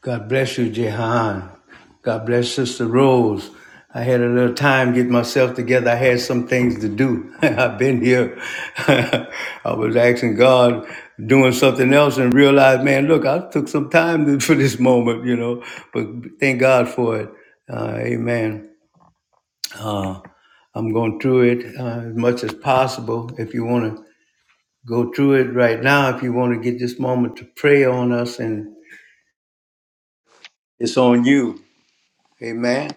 God bless you, Jehan. God bless Sister Rose. I had a little time getting myself together. I had some things to do. I've been here. I was asking God, doing something else, and realized, man, look, I took some time to- for this moment, you know. But thank God for it. Uh, amen. Uh, I'm going through it uh, as much as possible. If you want to go through it right now, if you want to get this moment to pray on us, and it's on you. Amen.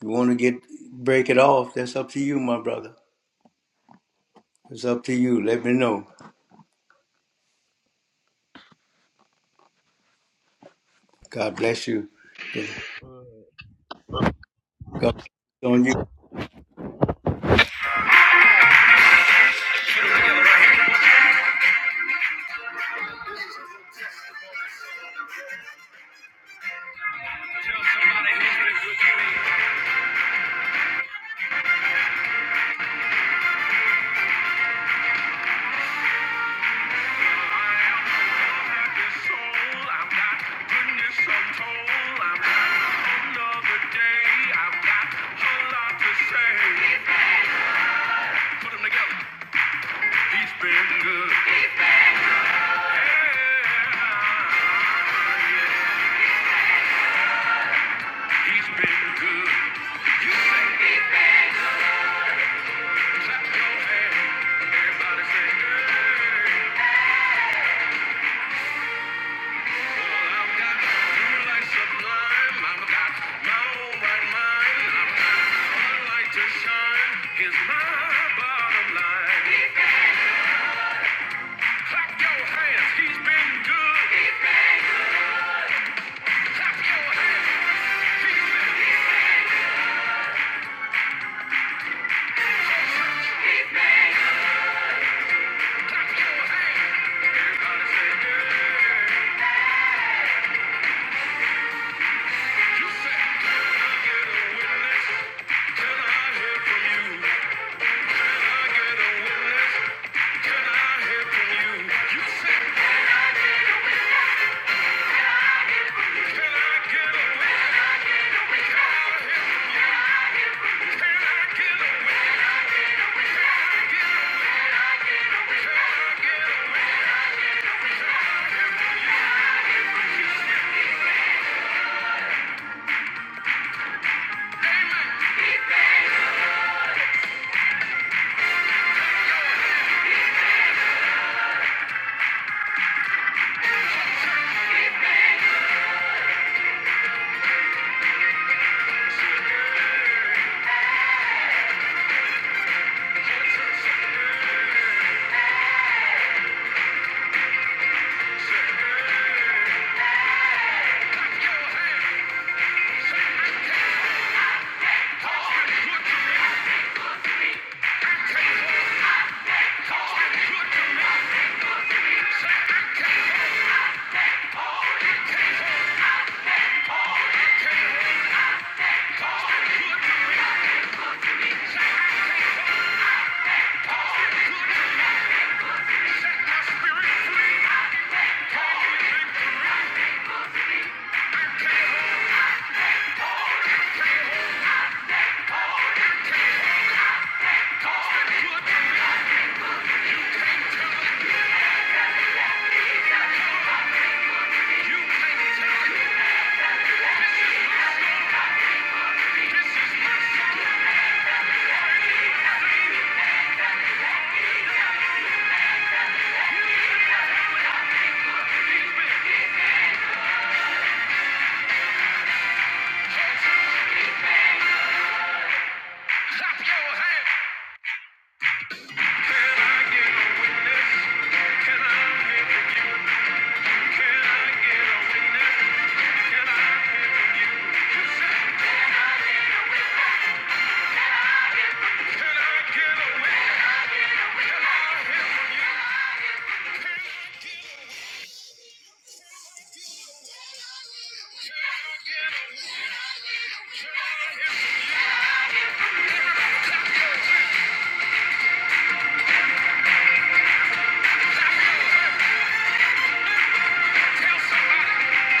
You want to get break it off? That's up to you, my brother. It's up to you. Let me know. God bless you. God bless on you. Clap your hands, everybody say, hey. Can I hear from you? You said, can I get a This is my song. Can I get a witness? Can I hear from you? Can I get a witness? Can I hear from you? Can I get a witness? Can I hear from you? Can I get a witness? Can I hear from you? Tell somebody.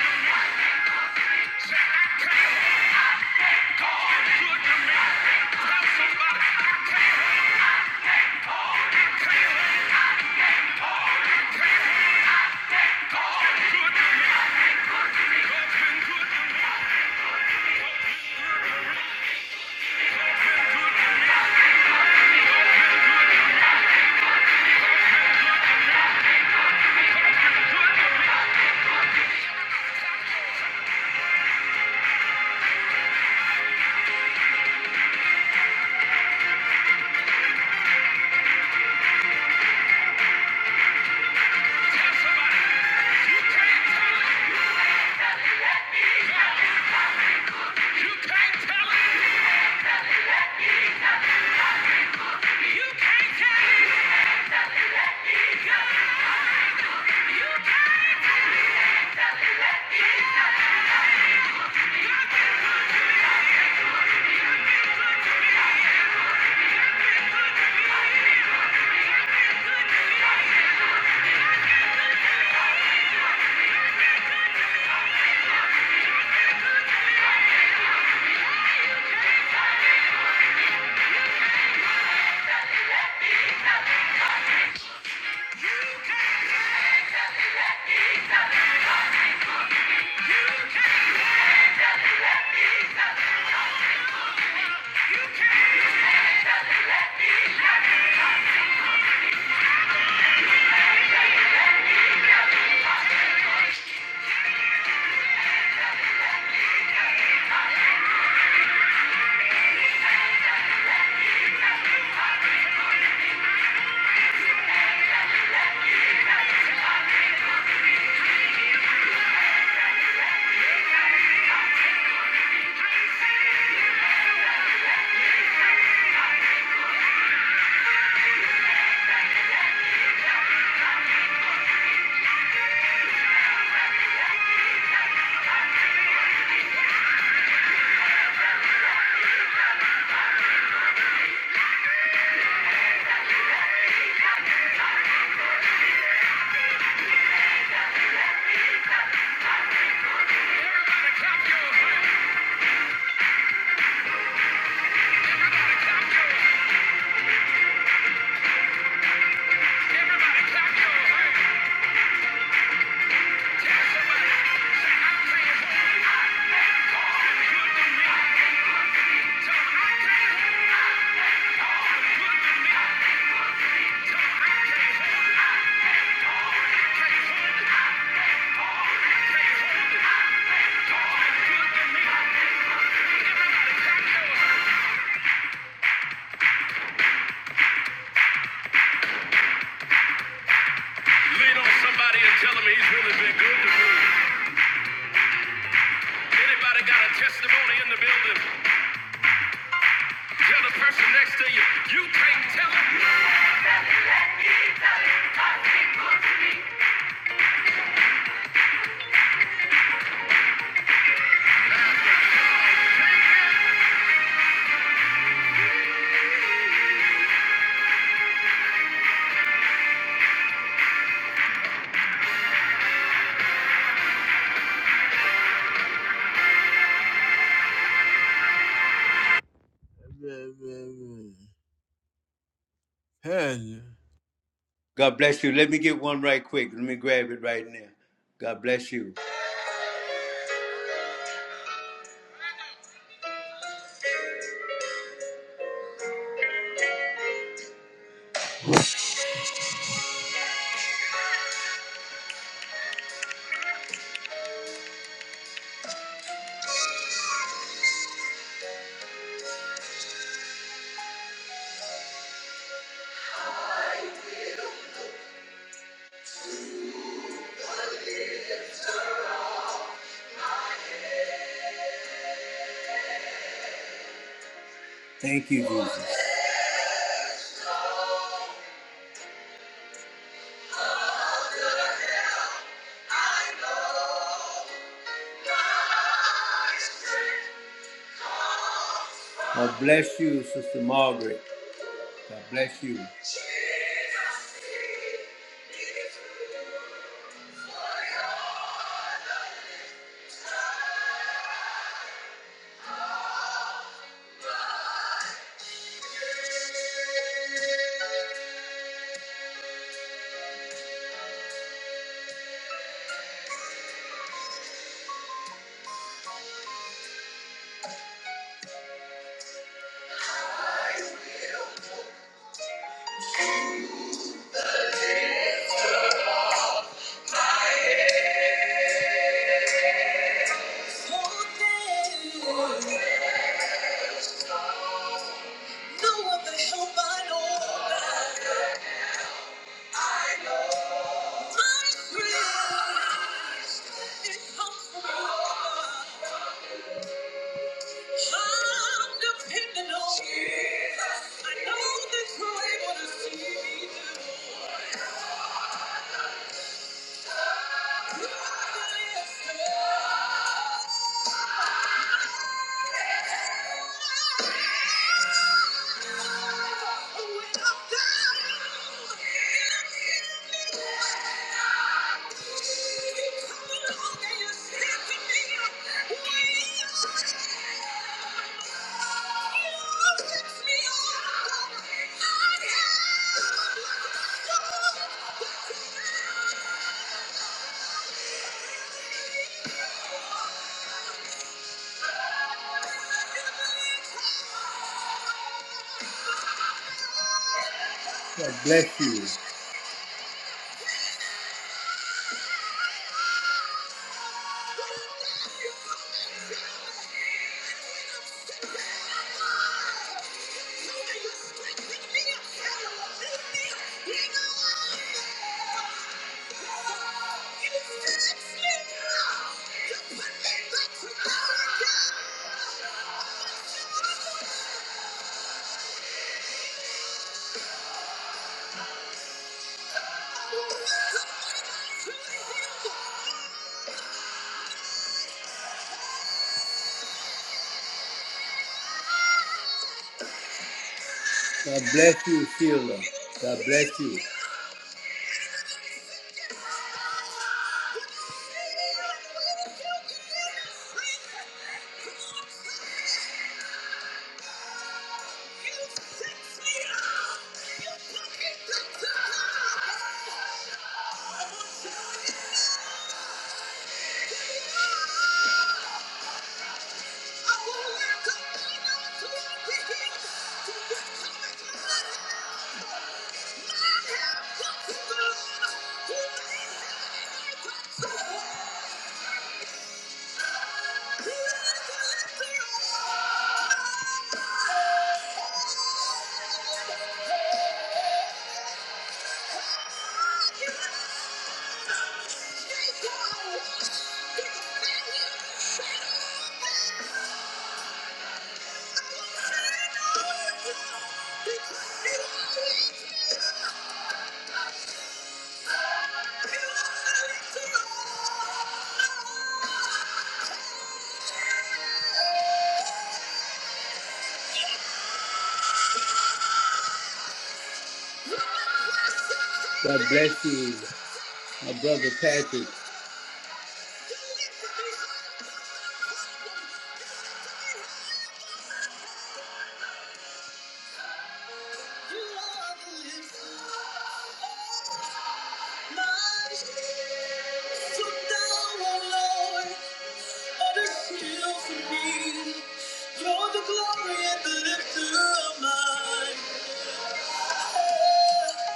good to Everybody clap your hands. Lean on somebody and tell them he's really been good to me. Anybody got a testimony in the building? Tell the person next to you, you can't tell them. Hell yeah. God bless you. Let me get one right quick. Let me grab it right now. God bless you. Thank you, Jesus. God bless you, Sister Margaret. God bless you. No other help I know. My strength is from God. I'm dependent on Jesus. I know that you're able to see me through. You are the answer. God bless you. God bless you, Sheila. God bless you. God bless you, my brother Patrick. You're the glory and the lifter of mine.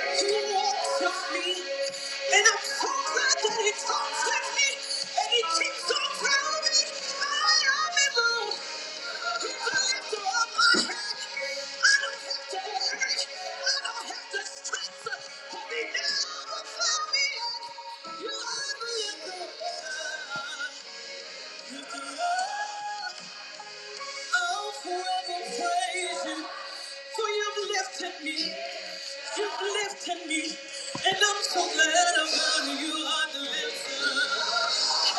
He walks with me, and I'm so glad He talks with me, and He keeps on me I am in love. He's the lifter of my head. I don't have to worry. I don't have to stress. He never found me yet. You are the lifter. You do. Oh, forever praising, for you've lifted me, you've lifted me, and I'm so glad I'm on you are the lifter. Come on,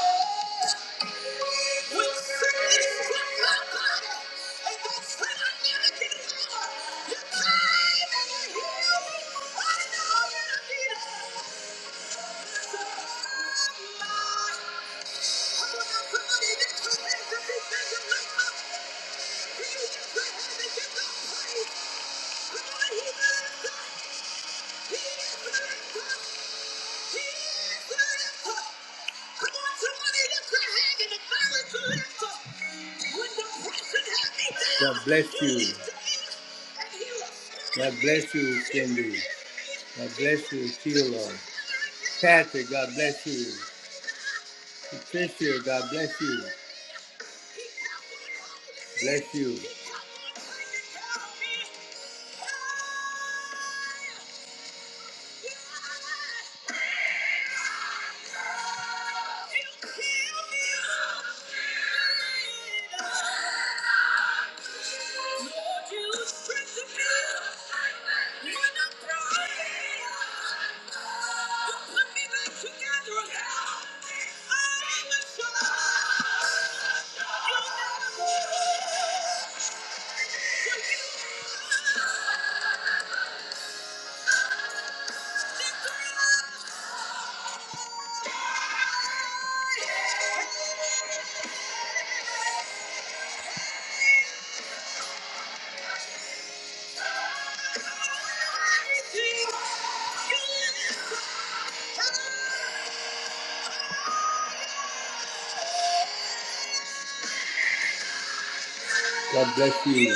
he's God bless you. God bless you, Cindy. God bless you, Sheila. Patrick, God bless you. Patricia, God bless you. Bless you. Thank you. God bless you.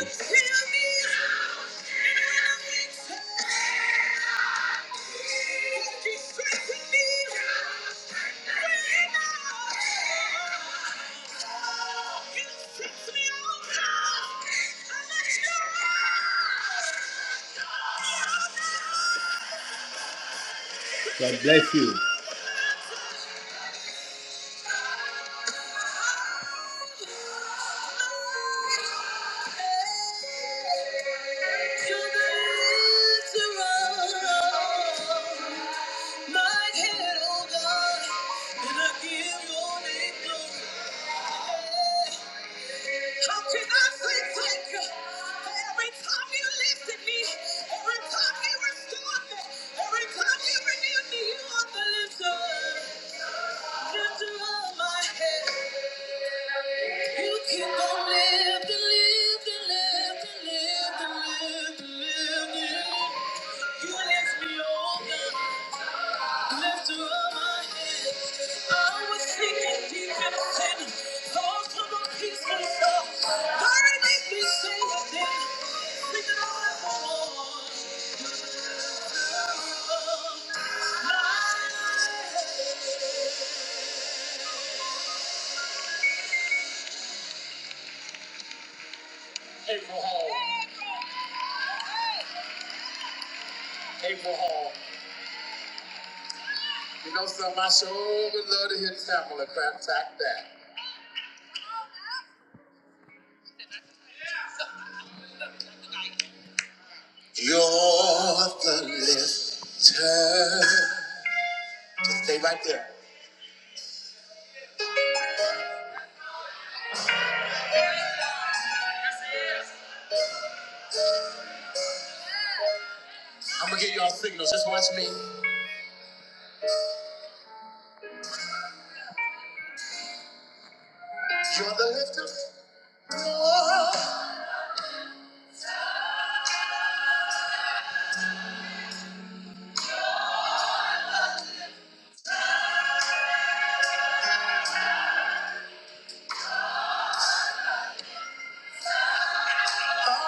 God bless you. My head, oh God, and I give your name glory. Yeah. How can I say thank you? Every time you lifted me, every time you restored me, every time you renewed me, you are the lifter, lifter of my head. You keep on lifting, lifting, lifting, lifting, lifting. You lift me, oh God. Lift her my head. I was sinking deep in sin. Lost to my peace and love. God, it me sing again. Sing it all at once. April Hall. April Hall. You know something? I sure would love to hear the sample of crap tack that. You're the lifter. Just stay right there. I'm gonna get y'all signals. Just watch me. You're the lifter. One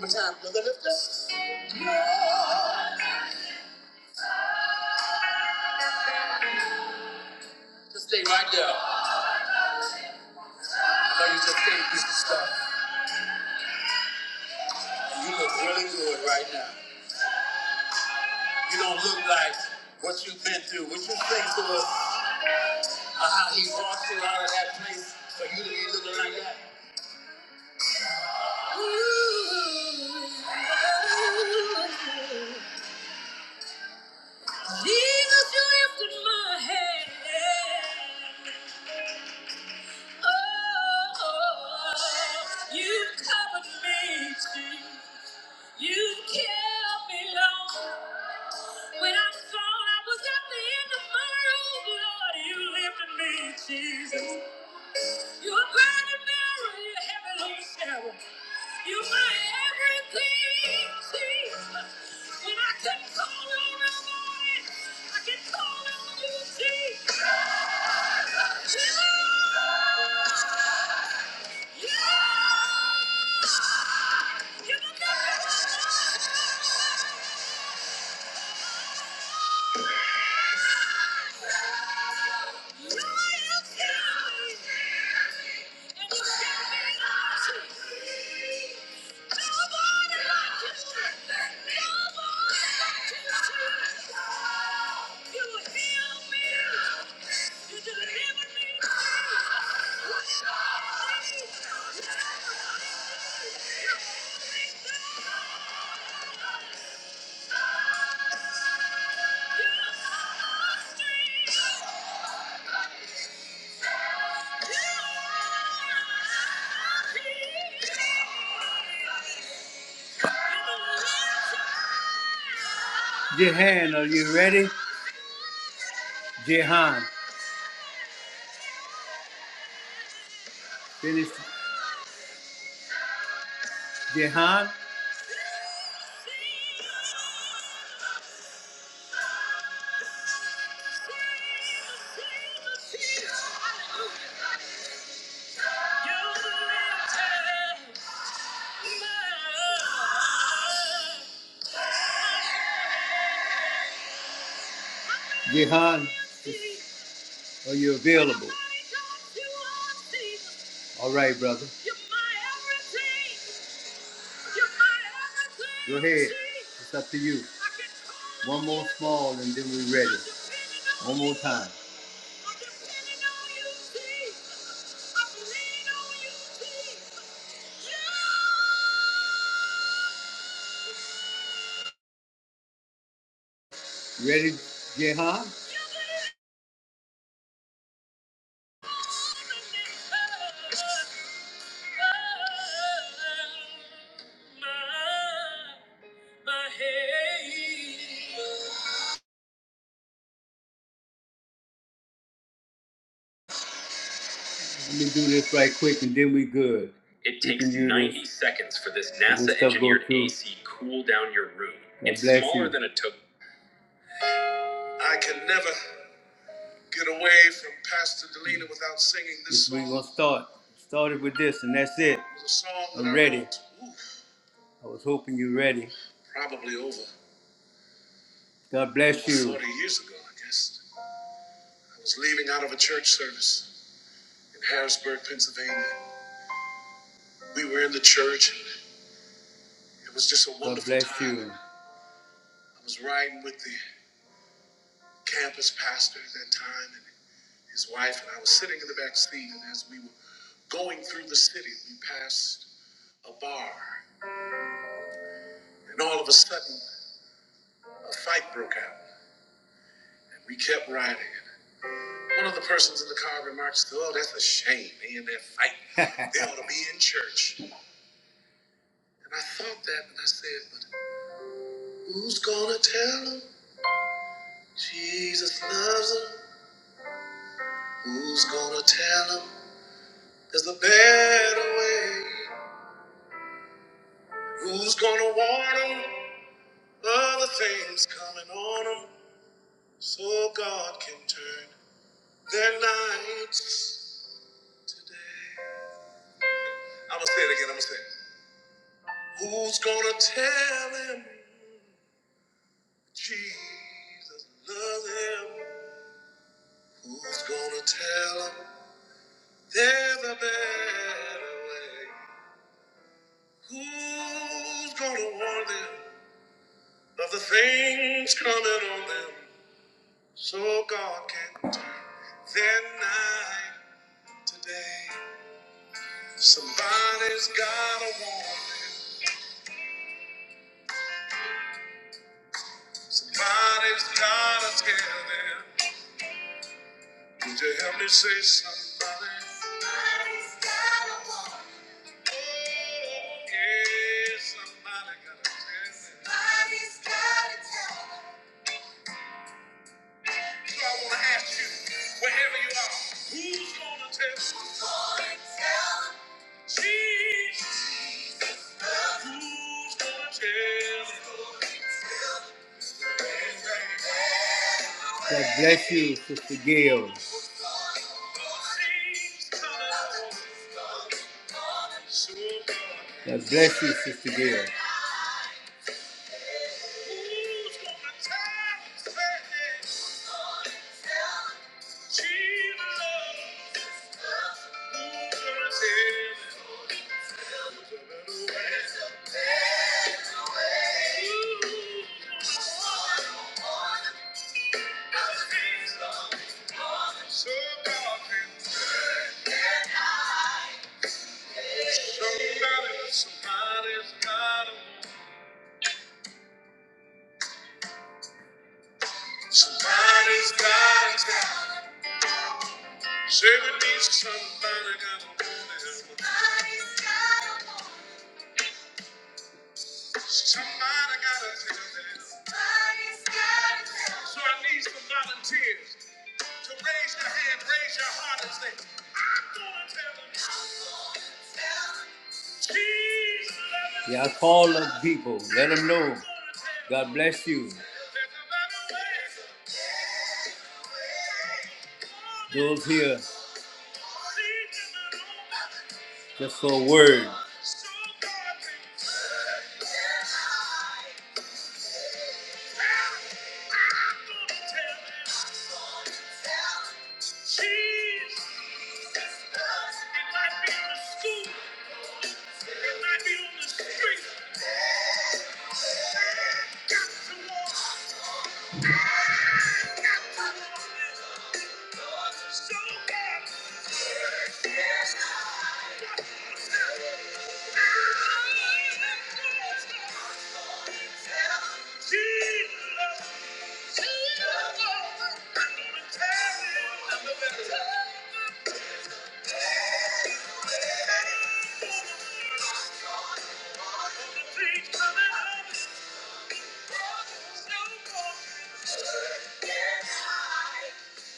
more time. brother, lift us. Just stay right there. I know you just came through some stuff. you look really good right now. You don't look like what you've been through. What you think to us, uh, how he brought you out of that place for you to be looking like that. Jesus, you lifted my head. Jesus, you're bright and mirror, you're heaven on Sarah. You're my everything, Jesus. When I can not call on nobody, I can call on you, Jesus. You, you, you're the God. Jehan, are you ready? Jehan, finish Jehan. Jehan, are you available? All right, brother. Go ahead. It's up to you. One more small and then we're ready. One more time. Ready, Jehan? Let me do this right quick and then we good. It takes 90 this. seconds for this NASA engineered through. AC cool down your room. God It's smaller you. than a token. I can never get away from Pastor Delina without singing this this song. We're gonna start. Started with this and that's it. It was a song I'm ready. I was hoping you're ready. probably over God bless you. 40 years ago, I guess. I was leaving out of a church service in Harrisburg, Pennsylvania. We were in the church. and It was just a wonderful time. you. I was riding with the campus pastor at that time and his wife, and I was sitting in the back seat. And as we were going through the city, we passed a bar, and all of a sudden, a fight broke out. And we kept riding. One of the persons in the car remarks, "Oh, that's a shame. They in that fight. they ought to be in church." And I thought that, and I said, "But." Who's gonna tell him Jesus loves him? Who's gonna tell him there's a better way? Who's gonna warn him other things coming on him so God can turn their nights today? I'm gonna say it again, I'm gonna say it. Who's gonna tell him Jesus loves him? Who's gonna tell him there's a better way? Who's gonna warn them of the things coming on them? So God can turn their night today. Somebody's gotta warn them. Somebody's gotta tell them. Would you help me say somebody? Somebody's gotta warn them. Yeah, somebody gotta tell them. Somebody's gotta tell them. I want to ask you, wherever you are, who's gonna tell? Who's gonna tell? Who's gonna tell? God bless you, Sister Gail. God bless you, Sister Gail. Somebody's got a woman. Somebody's got a tell. Say we need somebody got a tell. Somebody got a tell. So I need some volunteers to raise your hand, raise your heart, and say, I'm gonna tell them. Jesus. Yeah, call the people. Let them know. God bless you. Those here just for a word. It might be on the street. Thank you.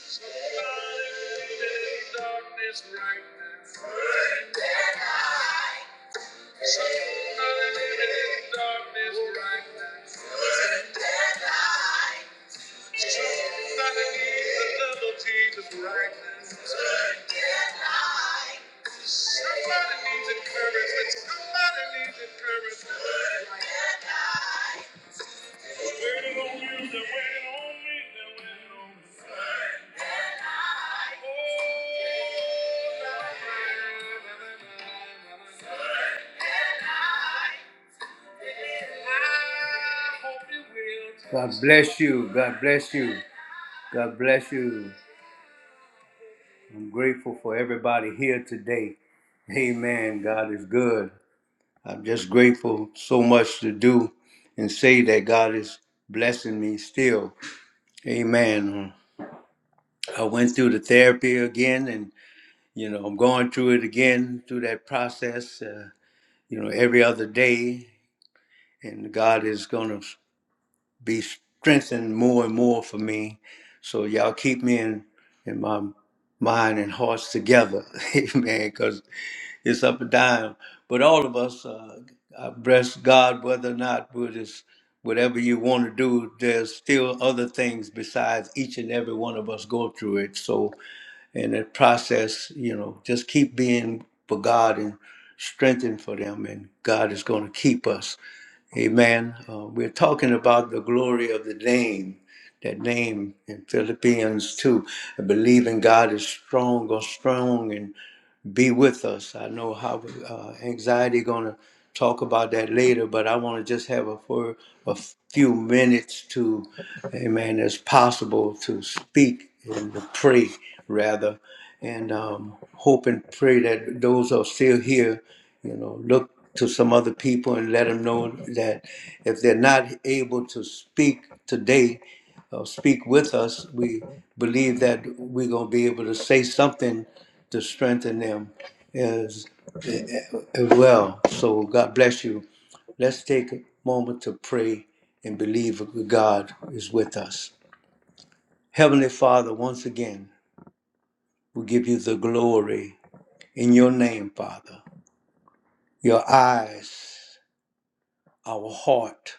Waiting on you, they're waiting on me, they're waiting on me. God bless you. God bless you. God bless you. I'm grateful for everybody here today. Amen. God is good. I'm just grateful so much to do and say that God is blessing me still. Amen. I went through the therapy again and you know, I'm going through it again through that process. Uh, you know, every other day. And God is going to be strengthened more and more for me. So y'all keep me in, in my mind and hearts together. Amen. Because it's up and down. But all of us, uh, I bless God whether or not we're just whatever you want to do, there's still other things besides each and every one of us go through it. So in the process, you know, just keep being for God and strengthened for them, and God is going to keep us. Amen. Uh, we're talking about the glory of the name, that name in Philippians 2. I believe in God is strong or strong and be with us. I know how uh, anxiety going to talk about that later, but I want to just have a for a few minutes to, amen, as possible to speak and to pray rather, and um, hope and pray that those who are still here, you know, look to some other people and let them know that if they're not able to speak today uh, speak with us, we believe that we're going to be able to say something to strengthen them as, as well. So God bless you. Let's take a moment to pray and believe that God is with us. Heavenly Father, once again, we give you the glory in your name, Father. Your eyes, our heart,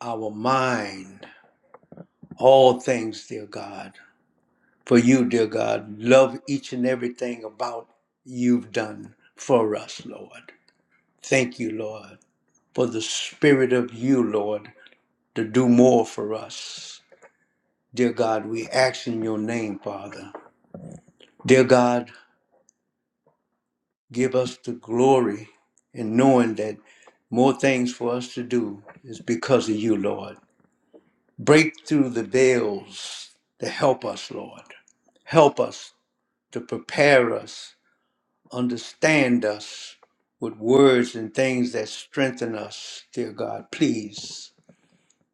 our mind, all things, dear God. for you, dear God. Love each and everything about you've done for us, Lord. Thank you, Lord, for the spirit of you, Lord, to do more for us. Dear God, we ask in your name, Father. Dear God, give us the glory in knowing that more things for us to do is because of you, Lord. Break through the veils to help us, Lord. Help us to prepare us Understand us with words and things that strengthen us, dear God. Please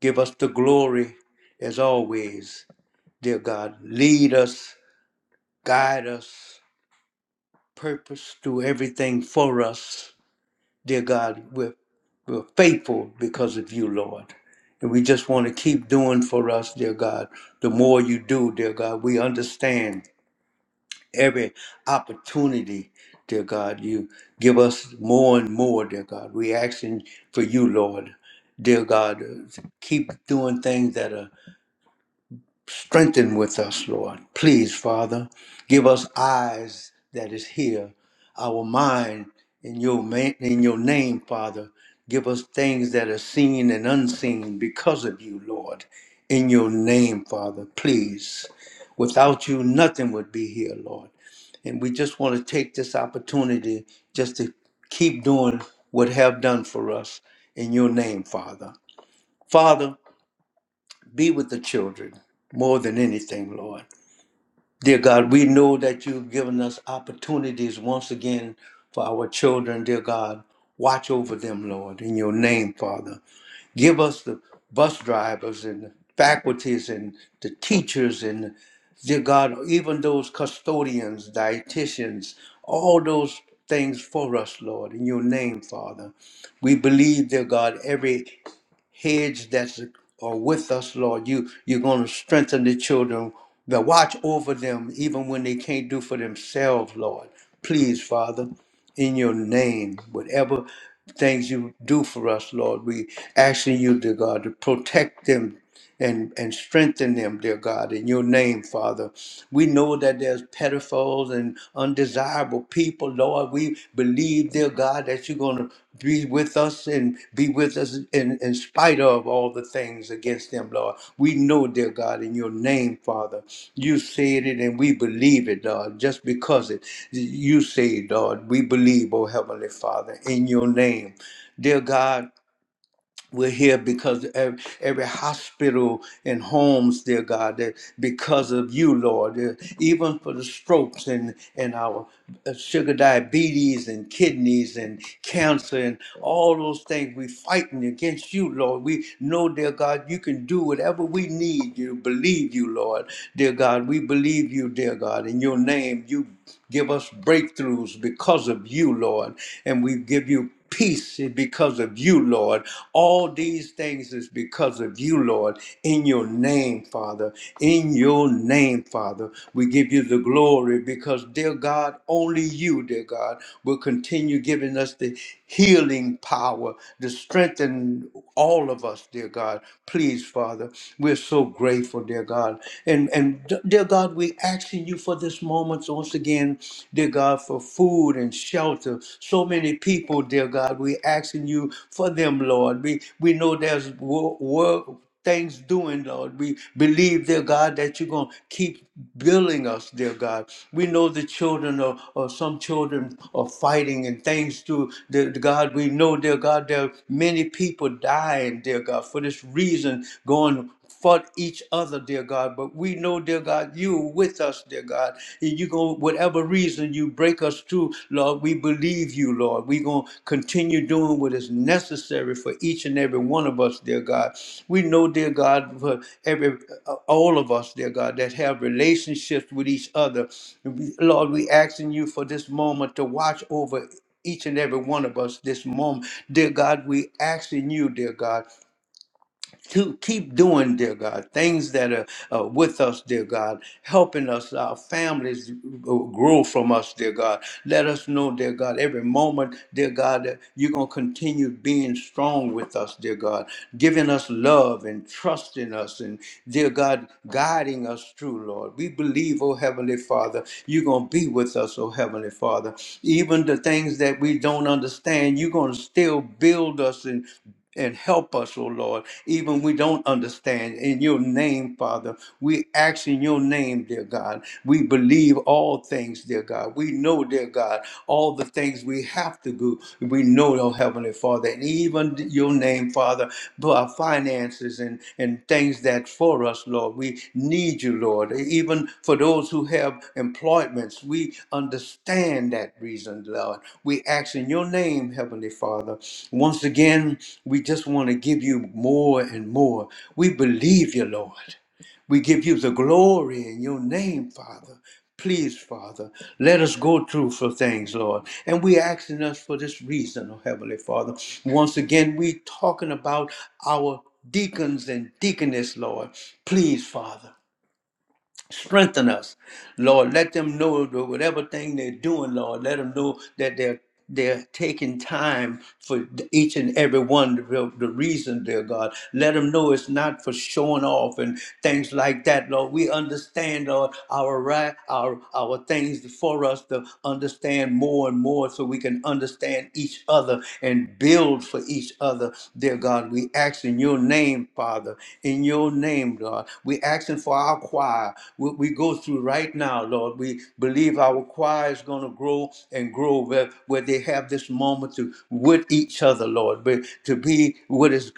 give us the glory as always, dear God. Lead us, guide us, purpose, do everything for us, dear God. We're, we're faithful because of you, Lord. And we just want to keep doing for us, dear God. The more you do, dear God, we understand every opportunity, dear God. You give us more and more, dear God. We asking for you, Lord, dear God. Keep doing things that are Strengthen with us, Lord. Please, Father, give us eyes that is here, our mind in your ma- in your name, Father. Give us things that are seen and unseen because of you, Lord. In your name, Father, please. Without you, nothing would be here, Lord. And we just want to take this opportunity just to keep doing what have done for us in your name, Father. Father, be with the children more than anything, Lord. Dear God, we know that you've given us opportunities once again for our children, dear God. Watch over them, Lord, in your name, Father. Give us the bus drivers and the faculties and the teachers and, dear God, even those custodians, dietitians, all those things for us, Lord, in your name, Father. We believe, dear God, every hedge that's are with us, Lord. You you're going to strengthen the children, that watch over them even when they can't do for themselves, Lord. Please, Father, in your name, whatever things you do for us, Lord, we asking you, dear God, to protect them and, and strengthen them, dear God, in your name, Father. We know that there's pedophiles and undesirable people, Lord. We believe, dear God, that you're going to be with us and be with us in, in spite of all the things against them, Lord. We know, dear God, in your name, Father, you said it and we believe it, Lord, just because it you said, Lord, we believe, oh Heavenly Father, in your name. Dear God, we're here because every, every hospital and homes, dear God, that because of you, Lord, that even for the strokes and, and our uh, sugar diabetes and kidneys and cancer and all those things, we're fighting against you, Lord. We know, dear God, you can do whatever we need. You believe you, Lord. Dear God, we believe you, dear God. In your name, you give us breakthroughs because of you, Lord. And we give you peace is because of you, Lord. All these things is because of you, Lord. In your name, Father. In your name, Father. We give you the glory because, dear God, only you, dear God, will continue giving us the healing power to strengthen all of us, dear God. Please, Father, we're so grateful, dear God. And and dear God, we asking you for this moment once again praying, dear God, for food and shelter. So many people, dear God, we asking you for them, Lord. We we know there's work. work things doing, Lord. We believe, dear God, that you're going to keep building us, dear God. We know the children are, or some children are fighting and things do, dear God. We know, dear God, there are many people dying, dear God, for this reason, going for each other, dear God. But we know, dear God, you are with us, dear God. And you go whatever reason you break us to, Lord, we believe you, Lord. We're gonna continue doing what is necessary for each and every one of us, dear God. We know, dear God, for every uh, all of us, dear God, that have relationships with each other. Lord, we asking you for this moment to watch over each and every one of us this moment. Dear God, we asking you, dear God to keep doing, dear God, things that are uh, with us, dear God, helping us, our families uh, grow from us, dear God. Let us know, dear God, every moment, dear God, that you're going to continue being strong with us, dear God, giving us love and trusting us, and dear God, guiding us through, Lord. We believe, oh Heavenly Father, you're going to be with us, oh Heavenly Father. Even the things that we don't understand, you're going to still build us and and help us, O Lord, even we don't understand. In your name, Father, we ask in your name, dear God. We believe all things, dear God. We know, dear God, all the things we have to do. We know, oh Heavenly Father, and even your name, Father, for our finances sacrifices and, and things that for us, Lord. We need you, Lord. Even for those who have employments, we understand that reason, Lord. We ask in your name, Heavenly Father. Once again, we just want to give you more and more. We believe you, Lord. We give you the glory in your name, Father. Please, Father, let us go through for things, Lord. And we asking us for this reason, oh Heavenly Father. Once again, we talking about our deacons and deaconess, Lord. Please, Father. Strengthen us, Lord. Let them know that whatever thing they're doing, Lord, let them know that they're they're taking time for each and every one the, the reason, dear God. Let them know it's not for showing off and things like that, Lord. We understand, Lord, our right, our our things for us to understand more and more, so we can understand each other and build for each other, dear God. We ask in your name, Father, in your name, God. God. We're asking for our choir. We, we go through right now, Lord. We believe our choir is going to grow and grow where, where they have this moment to with each other, Lord, but to be what is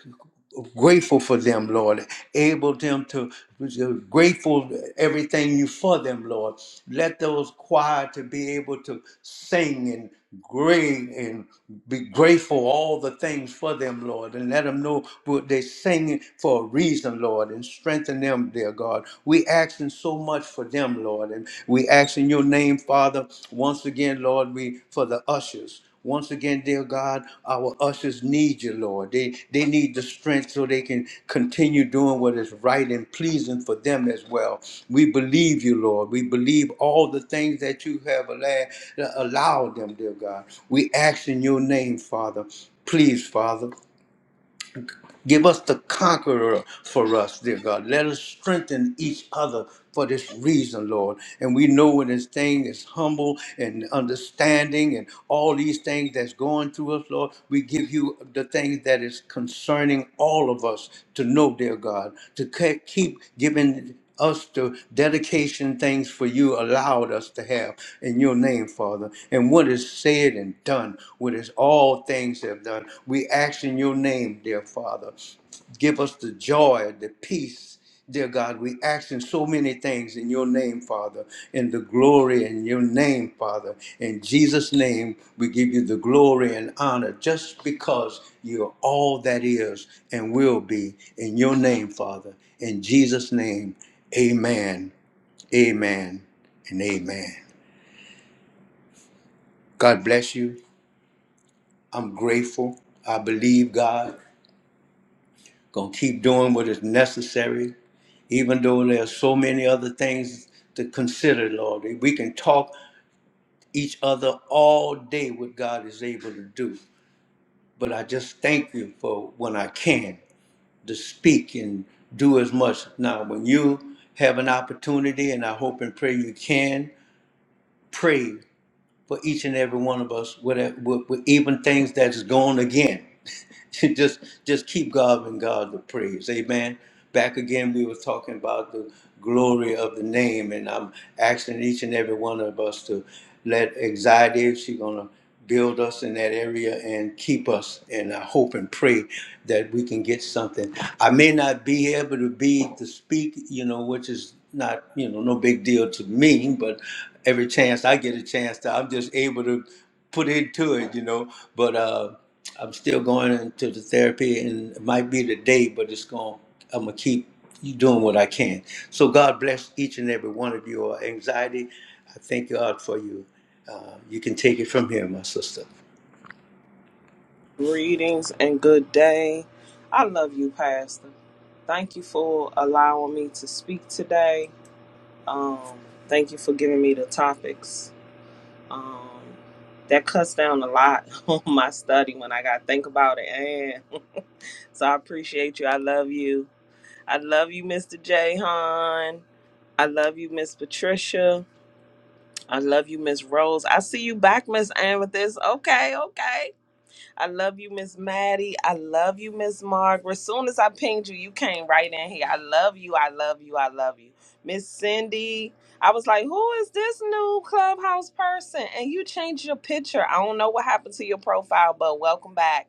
grateful for them, Lord. Able them to grateful everything you for them, Lord. Let those choir to be able to sing and great and be grateful all the things for them, Lord, and let them know what they sing singing for a reason, Lord, and strengthen them, dear God. We asking so much for them, Lord, and we asking your name, Father, once again, Lord, we for the ushers. Once again, dear God, our ushers need you, Lord. They they need the strength so they can continue doing what is right and pleasing for them as well. We believe you, Lord. We believe all the things that you have alla- allowed them, dear God. We ask in your name, Father. Please, Father. Give us the conqueror for us, dear God. Let us strengthen each other for this reason, Lord. And we know when this thing is humble and understanding and all these things that's going through us, Lord, we give you the things that is concerning all of us to know, dear God, to ke- keep giving us the dedication things for you allowed us to have in your name, Father. And what is said and done, what is all things have done, we ask in your name, dear Father. Give us the joy, the peace, dear God. We ask in so many things in your name, Father, in the glory in your name, Father. In Jesus' name, we give you the glory and honor just because you're all that is and will be in your name, Father. In Jesus' name. Amen, amen, and amen. God bless you. I'm grateful. I believe God gonna keep doing what is necessary, even though there are so many other things to consider, Lord. We can talk each other all day what God is able to do. But I just thank you for when I can to speak and do as much. Now, when you have an opportunity, and I hope and pray you can, pray. for each and every one of us, with, with, with even things that's gone again. just just keep giving God the praise. Amen. Back again, we were talking about the glory of the name, and I'm asking each and every one of us to let anxiety, if she's gonna build us in that area and keep us. And I hope and pray that we can get something. I may not be able to be to speak, you know, which is not, you know, no big deal to me, but every chance I get a chance to, I'm just able to put into it, you know. But uh I'm still going into the therapy, and it might be today, but it's going. I'm gonna keep you doing what I can. So God bless each and every one of you. Our anxiety, I thank God for you. Uh, you can take it from here, my sister. Greetings and good day. I love you, Pastor. Thank you for allowing me to speak today. Um, thank you for giving me the topics. Um, that cuts down a lot on my study when I got to think about it. And so I appreciate you. I love you. I love you, Mr. J. I love you, Miss Patricia. I love you, Miss Rose. I see you back, Miss Amethyst. Okay, okay. I love you, Miss Maddie. I love you, Miss Margaret. soon as I pinged you, you came right in here. I love you. I love you. I love you. Miss Cindy. I was like, who is this new clubhouse person? And you changed your picture. I don't know what happened to your profile, but welcome back.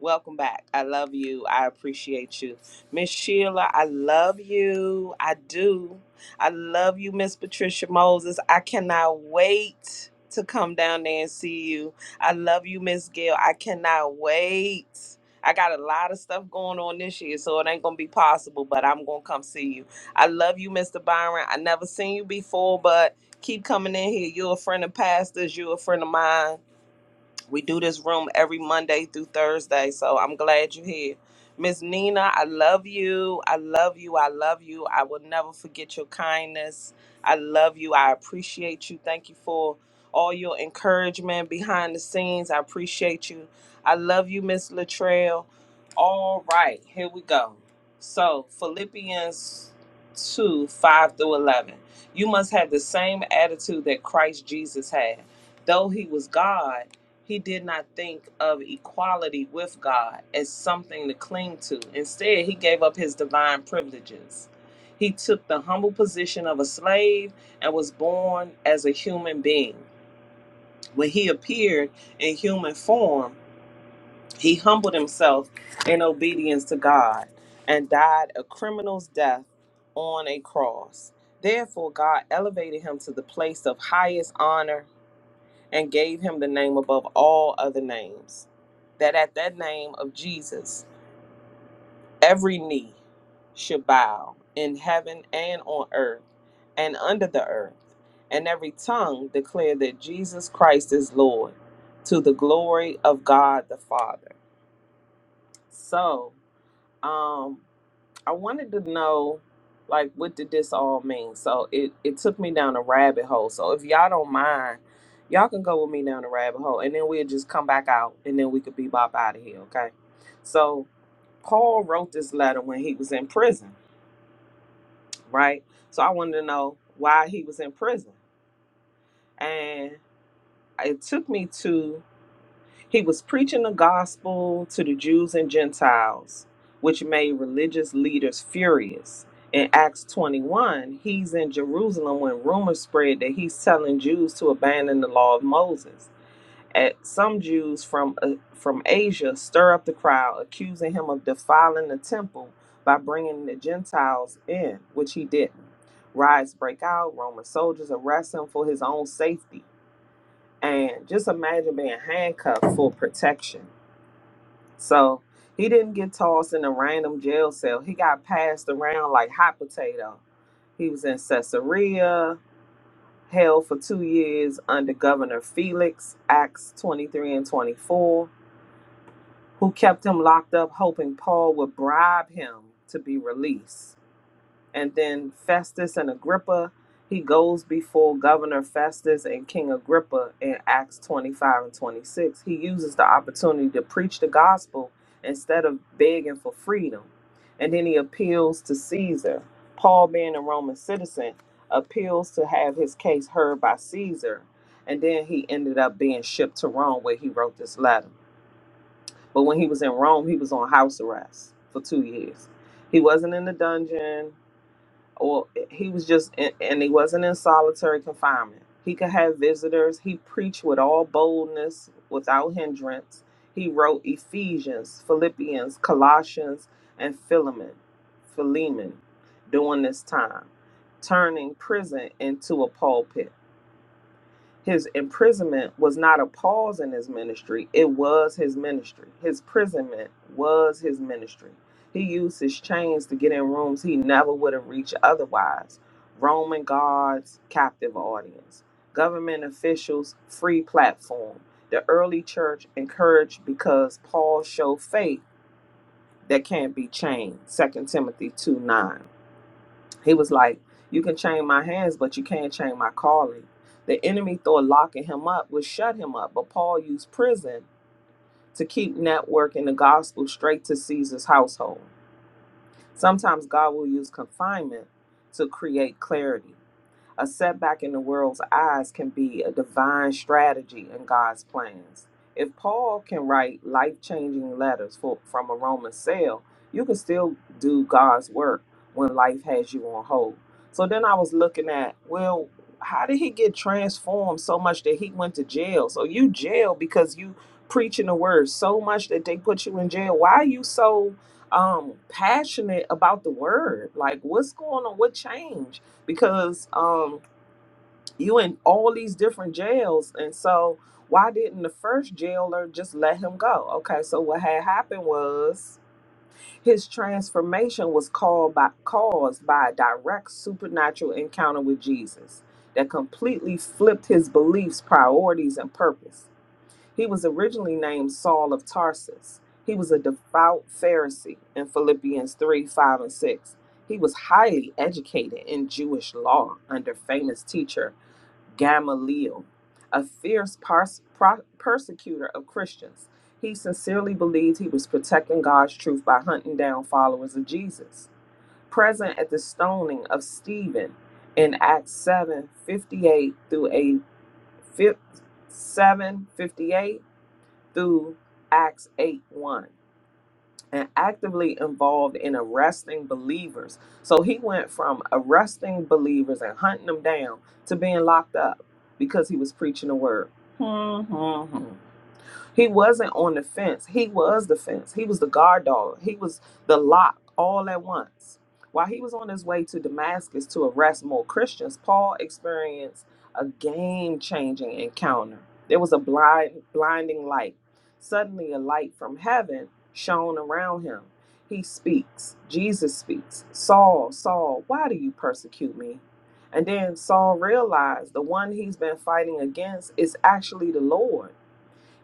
Welcome back. I love you. I appreciate you. Miss Sheila, I love you. I do. I love you, Miss Patricia Moses. I cannot wait to come down there and see you I love you, Miss Gail. I cannot wait. I got a lot of stuff going on this year, so it ain't gonna be possible, but I'm gonna come see you. I love you, Mr. Byron. I never seen you before, but keep coming in here. You're a friend of pastors, you're a friend of mine. We do this room every Monday through Thursday, so I'm glad you're here. Miss Nina, I love you. I love you. I love you. I will never forget your kindness. I love you. I appreciate you. Thank you for all your encouragement behind the scenes. I appreciate you. I love you, Miss Latrell. All right, here we go. So, Philippians 2 5 through 11. You must have the same attitude that Christ Jesus had. Though he was God, he did not think of equality with God as something to cling to. Instead, he gave up his divine privileges. He took the humble position of a slave and was born as a human being. When he appeared in human form, he humbled himself in obedience to God and died a criminal's death on a cross. Therefore, God elevated him to the place of highest honor and gave him the name above all other names, that at that name of Jesus every knee should bow in heaven and on earth and under the earth, and every tongue declare that Jesus Christ is Lord to the glory of God the Father. So, um I wanted to know like what did this all mean? So it, it took me down a rabbit hole. So if y'all don't mind, y'all can go with me down the rabbit hole and then we'll just come back out and then we could be bop out of here, okay? So Paul wrote this letter when he was in prison, right? So I wanted to know why he was in prison. And it took me to He was preaching the gospel to the Jews and Gentiles, which made religious leaders furious. In Acts 21, he's in Jerusalem when rumors spread that he's telling Jews to abandon the law of Moses. At some Jews from uh, from Asia stir up the crowd, accusing him of defiling the temple by bringing the Gentiles in, which he didn't. Riots break out. Roman soldiers arrest him for his own safety, and just imagine being handcuffed for protection so he didn't get tossed in a random jail cell. He got passed around like hot potato. He was in Caesarea, held for two years under Governor Felix, Acts 23 and 24, who kept him locked up, hoping Paul would bribe him to be released and then Festus and Agrippa. He goes before Governor Festus and King Agrippa in Acts 25 and 26. He uses the opportunity to preach the gospel instead of begging for freedom. And then he appeals to Caesar. Paul, being a Roman citizen, appeals to have his case heard by Caesar. And then he ended up being shipped to Rome where he wrote this letter. But when he was in Rome, he was on house arrest for two years. He wasn't in the dungeon or he was just and he wasn't in solitary confinement he could have visitors he preached with all boldness without hindrance he wrote ephesians philippians colossians and philemon philemon during this time turning prison into a pulpit his imprisonment was not a pause in his ministry, it was his ministry. His imprisonment was his ministry. He used his chains to get in rooms he never would have reached otherwise. Roman guards, captive audience, government officials, free platform. The early church encouraged because Paul showed faith that can't be chained. Second Timothy two nine. He was like, You can chain my hands, but you can't chain my calling. The enemy thought locking him up would shut him up, but Paul used prison to keep networking the gospel straight to Caesar's household. Sometimes God will use confinement to create clarity. A setback in the world's eyes can be a divine strategy in God's plans. If Paul can write life changing letters for, from a Roman cell, you can still do God's work when life has you on hold. So then I was looking at, well, how did he get transformed so much that he went to jail? So you jail because you preaching the word so much that they put you in jail. Why are you so um passionate about the word? Like what's going on? What changed? because um you in all these different jails and so why didn't the first jailer just let him go okay so what had happened was his transformation was called by caused by a direct supernatural encounter with jesus that completely flipped his beliefs priorities and purpose he was originally named Saul of Tarsus. He was a devout Pharisee in Philippians 3 5 and 6. He was highly educated in Jewish law under famous teacher Gamaliel, a fierce pars- pro- persecutor of Christians. He sincerely believed he was protecting God's truth by hunting down followers of Jesus. Present at the stoning of Stephen in Acts seven fifty eight through 8, seven fifty-eight through Acts 8 1 and actively involved in arresting believers. So he went from arresting believers and hunting them down to being locked up because he was preaching the word. Hmm, hmm, hmm. He wasn't on the fence. He was the fence. He was the guard dog. He was the lock all at once. While he was on his way to Damascus to arrest more Christians, Paul experienced a game changing encounter. There was a blind, blinding light. Suddenly, a light from heaven shone around him. He speaks. Jesus speaks. Saul, Saul, why do you persecute me? And then Saul realized the one he's been fighting against is actually the Lord.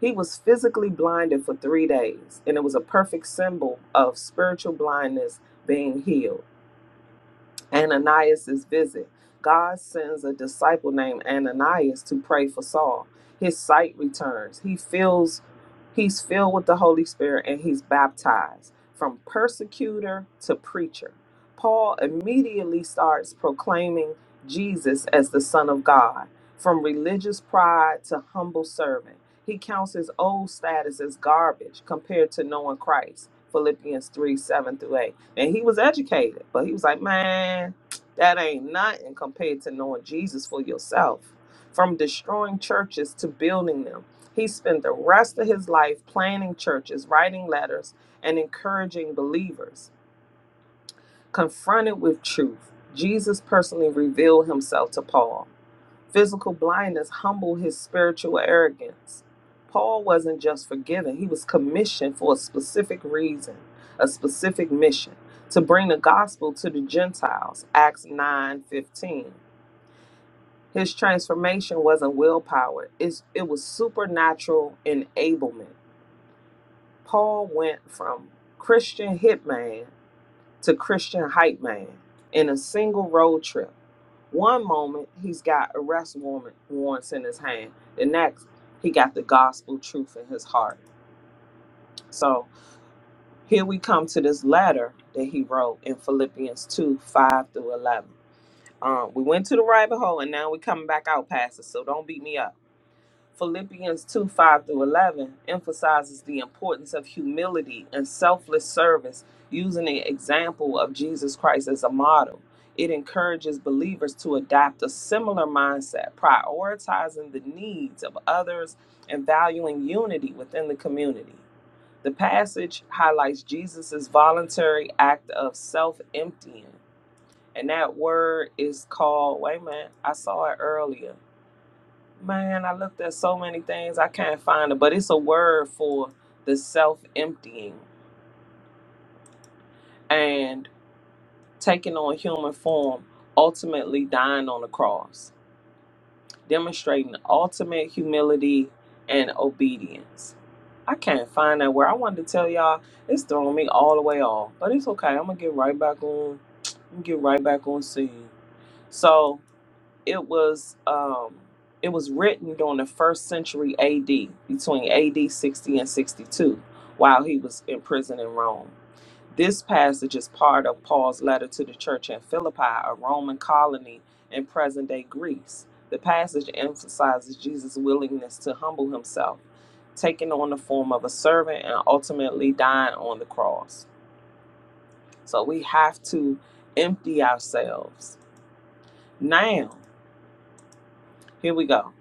He was physically blinded for three days, and it was a perfect symbol of spiritual blindness being healed. Ananias's visit. God sends a disciple named Ananias to pray for Saul. His sight returns. He feels he's filled with the Holy Spirit and he's baptized from persecutor to preacher. Paul immediately starts proclaiming Jesus as the Son of God, from religious pride to humble servant. He counts his old status as garbage compared to knowing Christ. Philippians 3 7 through 8. And he was educated, but he was like, man, that ain't nothing compared to knowing Jesus for yourself. From destroying churches to building them, he spent the rest of his life planning churches, writing letters, and encouraging believers. Confronted with truth, Jesus personally revealed himself to Paul. Physical blindness humbled his spiritual arrogance. Paul wasn't just forgiven, he was commissioned for a specific reason, a specific mission to bring the gospel to the Gentiles, Acts 9:15. His transformation wasn't willpower, it's, it was supernatural enablement. Paul went from Christian hitman to Christian hype man in a single road trip one moment he's got arrest warrant warrants in his hand. The next he got the gospel truth in his heart. So here we come to this letter that he wrote in Philippians two five through eleven. Um, we went to the rabbit hole and now we're coming back out, Pastor. So don't beat me up. Philippians 2 5 through 11 emphasizes the importance of humility and selfless service using the example of Jesus Christ as a model. It encourages believers to adopt a similar mindset, prioritizing the needs of others and valuing unity within the community. The passage highlights Jesus' voluntary act of self emptying, and that word is called, wait a minute, I saw it earlier Man, I looked at so many things. I can't find it, but it's a word for the self emptying and taking on human form, ultimately dying on the cross, demonstrating ultimate humility and obedience. I can't find that word. I wanted to tell y'all it's throwing me all the way off, but it's okay. I'm gonna get right back on. I'm gonna get right back on scene. So it was um it was written during the first century AD between AD 60 and 62 while he was in prison in Rome. This passage is part of Paul's letter to the church in Philippi, a Roman colony in present-day Greece. The passage emphasizes Jesus' willingness to humble himself, taking on the form of a servant and ultimately dying on the cross. So we have to empty ourselves. Now, here we go.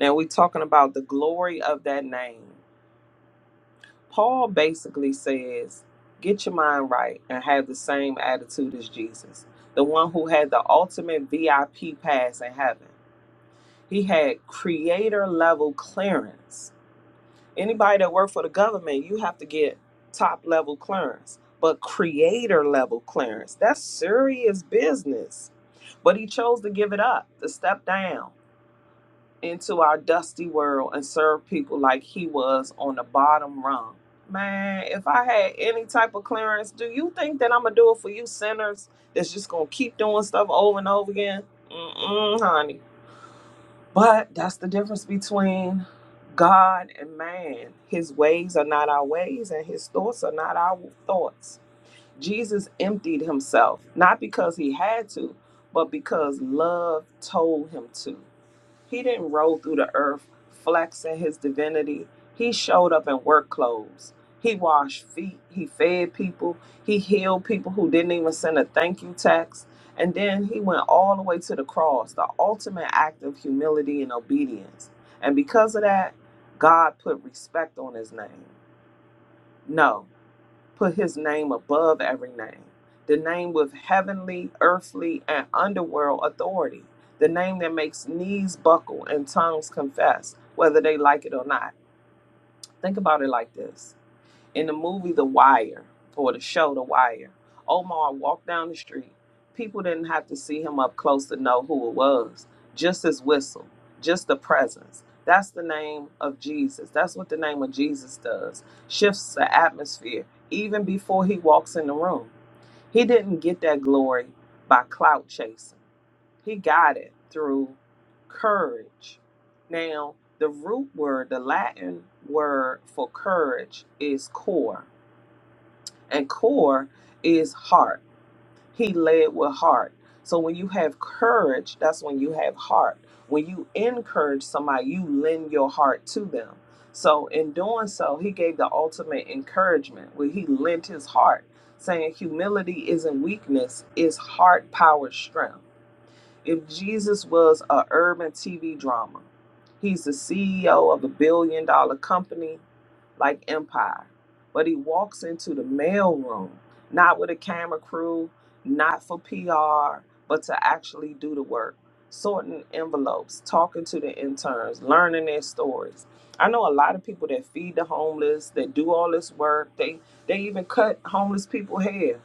Now we're talking about the glory of that name. Paul basically says, get your mind right and have the same attitude as Jesus, the one who had the ultimate VIP pass in heaven. He had creator level clearance. Anybody that worked for the government, you have to get top level clearance, but creator level clearance, that's serious business. But he chose to give it up, to step down into our dusty world and serve people like he was on the bottom rung. Man, if I had any type of clearance, do you think that I'm gonna do it for you sinners that's just gonna keep doing stuff over and over again? Mm-mm, honey. But that's the difference between God and man. His ways are not our ways, and his thoughts are not our thoughts. Jesus emptied himself, not because he had to, but because love told him to. He didn't roll through the earth flexing his divinity. He showed up in work clothes. He washed feet. He fed people. He healed people who didn't even send a thank you text. And then he went all the way to the cross, the ultimate act of humility and obedience. And because of that, God put respect on his name. No put his name above every name, the name with heavenly, earthly, and underworld authority, the name that makes knees buckle and tongues confess, whether they like it or not. Think about it like this in the movie The Wire or the show The Wire, Omar walked down the street. People didn't have to see him up close to know who it was. Just his whistle, just the presence. That's the name of Jesus. That's what the name of Jesus does. Shifts the atmosphere even before he walks in the room. He didn't get that glory by clout chasing. He got it through courage. Now, the root word, the Latin word for courage is *cor* and core is heart. He led with heart. So when you have courage, that's when you have heart. When you encourage somebody, you lend your heart to them. So in doing so, he gave the ultimate encouragement where he lent his heart, saying humility isn't weakness, it's heart power strength. If Jesus was a urban TV drama, he's the CEO of a billion dollar company like Empire, but he walks into the mailroom not with a camera crew, not for PR, but to actually do the work, sorting envelopes, talking to the interns, learning their stories. I know a lot of people that feed the homeless, that do all this work. They they even cut homeless people hair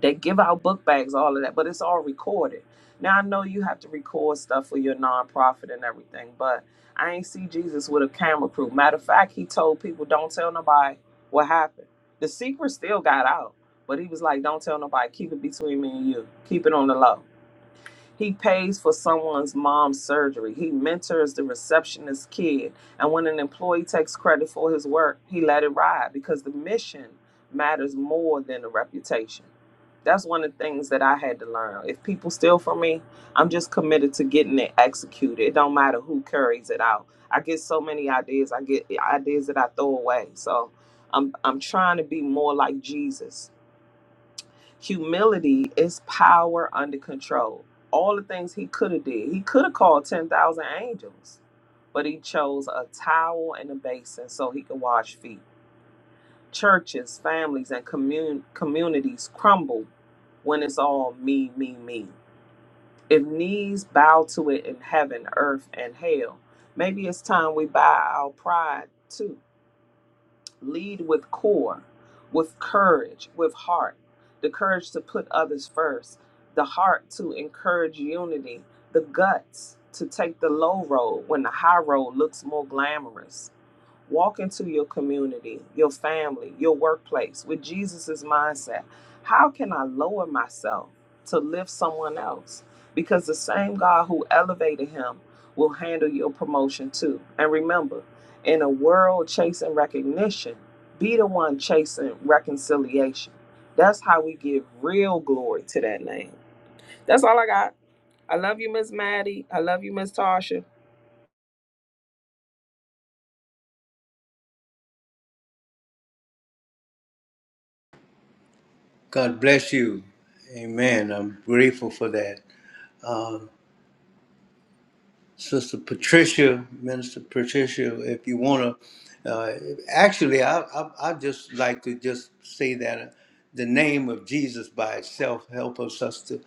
they give out book bags, all of that, but it's all recorded. Now I know you have to record stuff for your nonprofit and everything, but I ain't see Jesus with a camera crew. Matter of fact, he told people, "Don't tell nobody what happened." The secret still got out, but he was like, "Don't tell nobody. Keep it between me and you. Keep it on the low." He pays for someone's mom's surgery. He mentors the receptionist's kid. And when an employee takes credit for his work, he let it ride because the mission matters more than the reputation. That's one of the things that I had to learn. If people steal from me, I'm just committed to getting it executed. It don't matter who carries it out. I get so many ideas. I get ideas that I throw away. So I'm I'm trying to be more like Jesus Humility is power under control. All the things he could have did, he could have called ten thousand angels, but he chose a towel and a basin so he could wash feet. Churches, families, and commun- communities crumble when it's all me, me, me. If knees bow to it in heaven, earth, and hell, maybe it's time we bow our pride too Lead with core, with courage, with heart, the courage to put others first, the heart to encourage unity, the guts to take the low road when the high road looks more glamorous, Walk into your community, your family, your workplace with Jesus's mindset. How can I lower myself to lift someone else? Because the same God who elevated him will handle your promotion too. And remember, in a world chasing recognition, be the one chasing reconciliation. That's how we give real glory to that name. That's all I got. I love you, Miss Maddie. I love you, Miss Tasha. God bless you. Amen. I'm grateful for that. Um, Sister Patricia, Minister Patricia, if you want to, uh, actually, I, I, I just like to just say that the name of Jesus by itself help us us to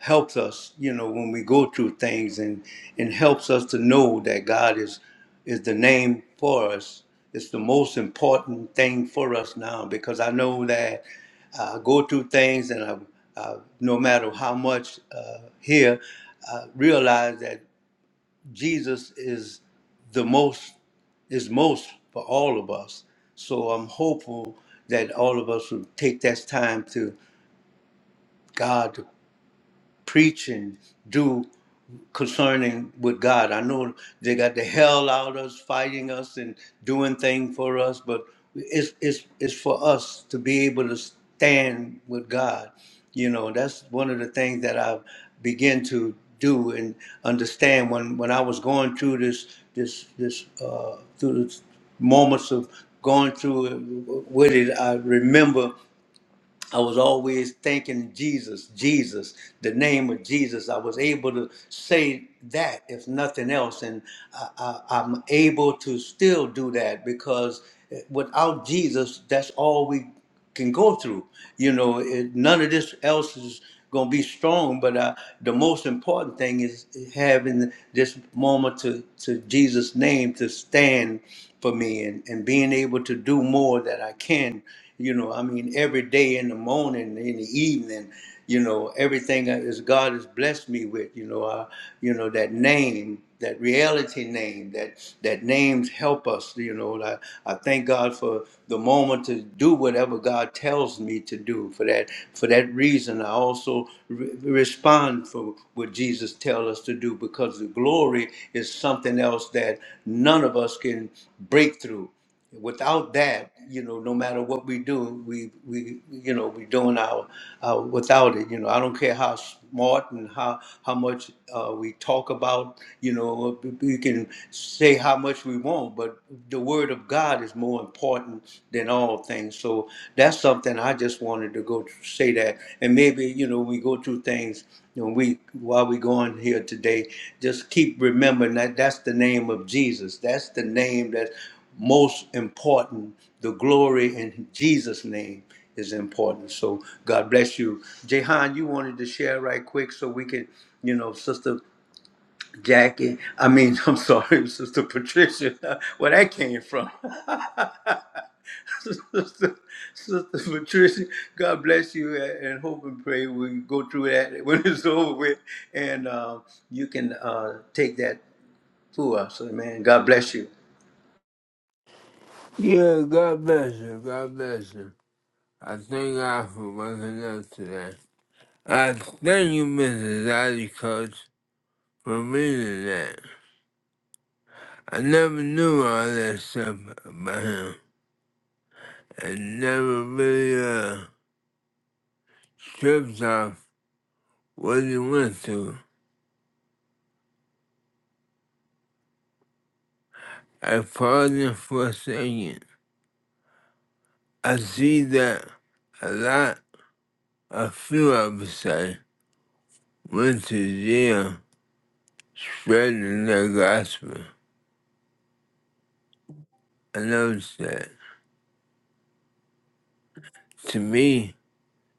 helps us, you know, when we go through things and and helps us to know that God is is the name for us. It's the most important thing for us now because I know that I go through things and I, I no matter how much uh, here, I realize that Jesus is the most is most for all of us. So I'm hopeful that all of us will take that time to God to preach and do concerning with God. I know they got the hell out of us, fighting us and doing things for us, but it's it's it's for us to be able to stand with God. You know, that's one of the things that I begin to do and understand when when I was going through this this this uh, through the moments of going through it with it. I remember I was always thanking Jesus, Jesus, the name of Jesus. I was able to say that, if nothing else, and I, I, I'm able to still do that because without Jesus, that's all we can go through. You know, it, none of this else is going to be strong. But uh, the most important thing is having this moment to, to Jesus' name to stand for me and, and being able to do more that I can. You know, I mean, every day in the morning, in the evening, you know, everything that is God has blessed me with. You know, I, you know that name, that reality name, that that names help us. You know, I, I thank God for the moment to do whatever God tells me to do. For that, for that reason, I also re- respond for what Jesus tells us to do because the glory is something else that none of us can break through without that, you know, no matter what we do, we we you know we doing our uh, without it. You know, I don't care how smart and how how much uh, we talk about. You know, we can say how much we want, but the word of God is more important than all things. So that's something I just wanted to go say that, and maybe you know we go through things. You know, we while we going here today, just keep remembering that that's the name of Jesus. That's the name that most important, the glory in Jesus' name is important. So God bless you. Jehan, you wanted to share right quick so we can, you know, Sister Jackie, I mean, I'm sorry, Sister Patricia, where that came from. Sister, Sister Patricia, God bless you and and hope and pray we can go through that when it's over with and uh, you can uh, take that to us. Amen. God bless you. Yeah, God bless you. God bless you. I thank God for waking up today. I thank you, Mrs. Ivy Coach, for reading that. I never knew all that stuff about him. I never really uh, stripped off what he went through. I pardon for a second. I see that a lot, a few of us say, went to jail spreading the gospel. I noticed that. To me,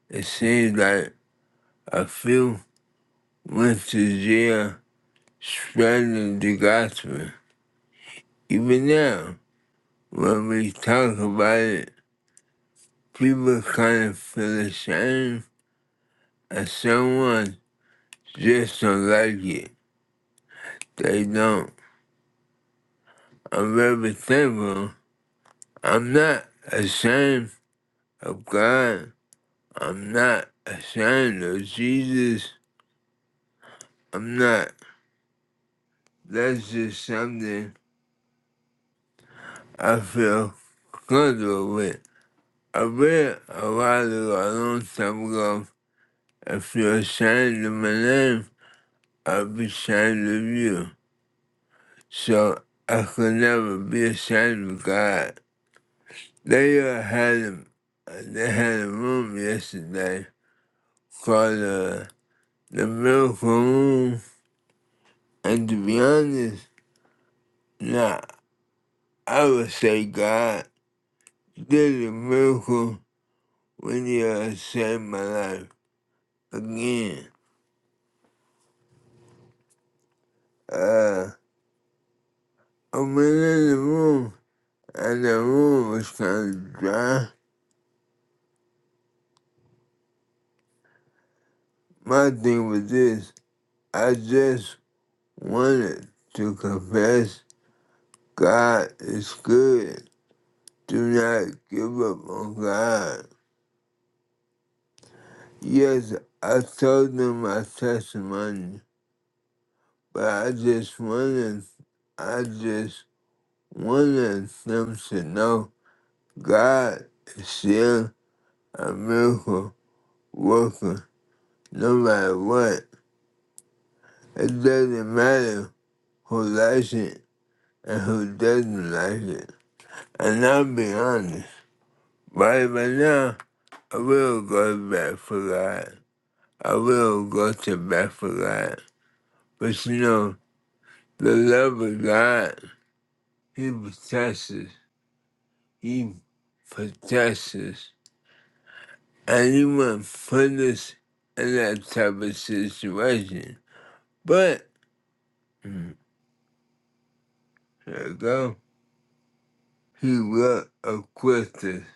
it seems like a few went to jail spreading the gospel. Even now, when we talk about it, people kind of feel ashamed and someone just don't like it. They don't. I'm very thankful. I'm not ashamed of God. I'm not ashamed of Jesus. I'm not. That's just something I feel good with I read a while ago, a long time ago, if you're ashamed of my name, I'll be ashamed of you. So I could never be ashamed of God. They uh, had a, they had a room yesterday called uh, the Miracle Room, and to be honest, nah, I would say God did a miracle when He uh, saved my life again. Uh, I went in the room, and the room was kind of dry. My thing was this I just wanted to confess God is good. Do not give up on God. Yes, I told them my testimony, but I just wanted, I just wanted them to know God is still a miracle worker, no matter what. It doesn't matter who likes it and who doesn't like it. And I'll be honest, right by now, I will go back for God. I will go to back for God. But you know, the love of God, He protects us. He protects us. And He won't put us in that type of situation. But, there you go. He will equip us.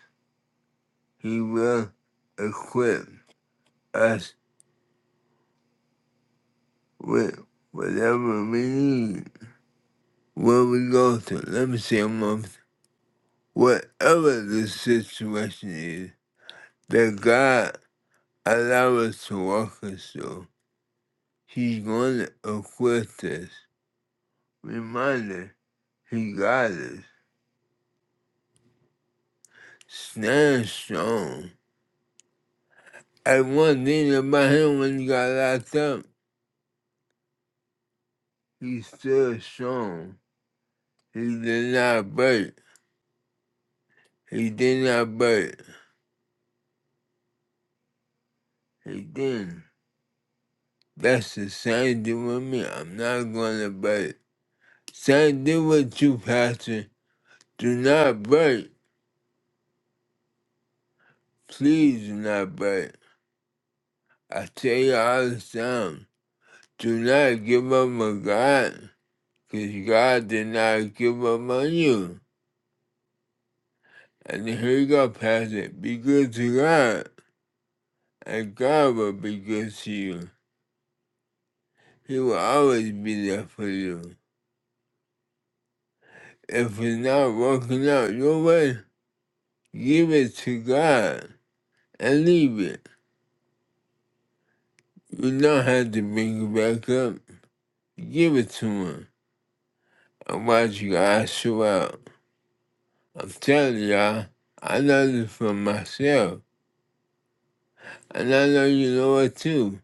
He will equip us with whatever we need. Where we go to, let me say a month, whatever the situation is that God allows us to walk us through, He's going to equip us. Reminder, He got us. Stand strong. And one thing about Him when He got locked up, He still strong. He did not break. He did not break. Again, that's the same thing with me. I'm not gonna break. Same thing with you, Pastor. Do not break. Please do not break. I tell you all the time, do not give up on God, because God did not give up on you. And here you go, Pastor. Be good to God, and God will be good to you. He will always be there for you. If it's not working out your way, give it to God. and leave it. You don't have to bring it back up. Give it to him. I watch you guys show out. I'm telling y'all, I know this for myself. And I know you know it too.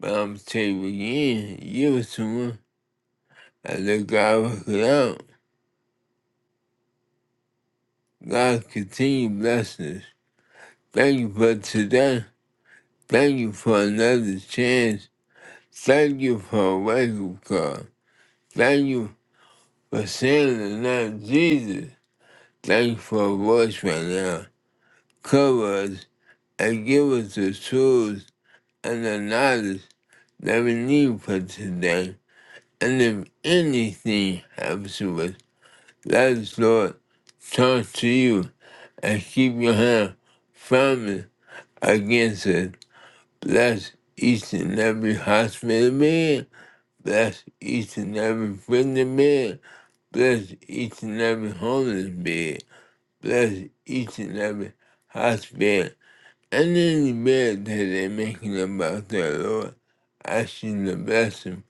But I'm telling you again, give it to him. And let God work it out. God continue blessing us. Thank you for today. Thank you for another chance. Thank you for a wake-up call. Thank you for saying the name of Jesus. Thanks you for voice right now. Cover us and give us the tools and the knowledge that we need for today. And if anything happens to us, let us, Lord, turn to you and keep your hand from it against us. Bless each and every hospital man. Bless each and every friendly man. Bless each and every homeless man. bless each and every hospital and any bed that they're making about their Lord. I ask you to bless them.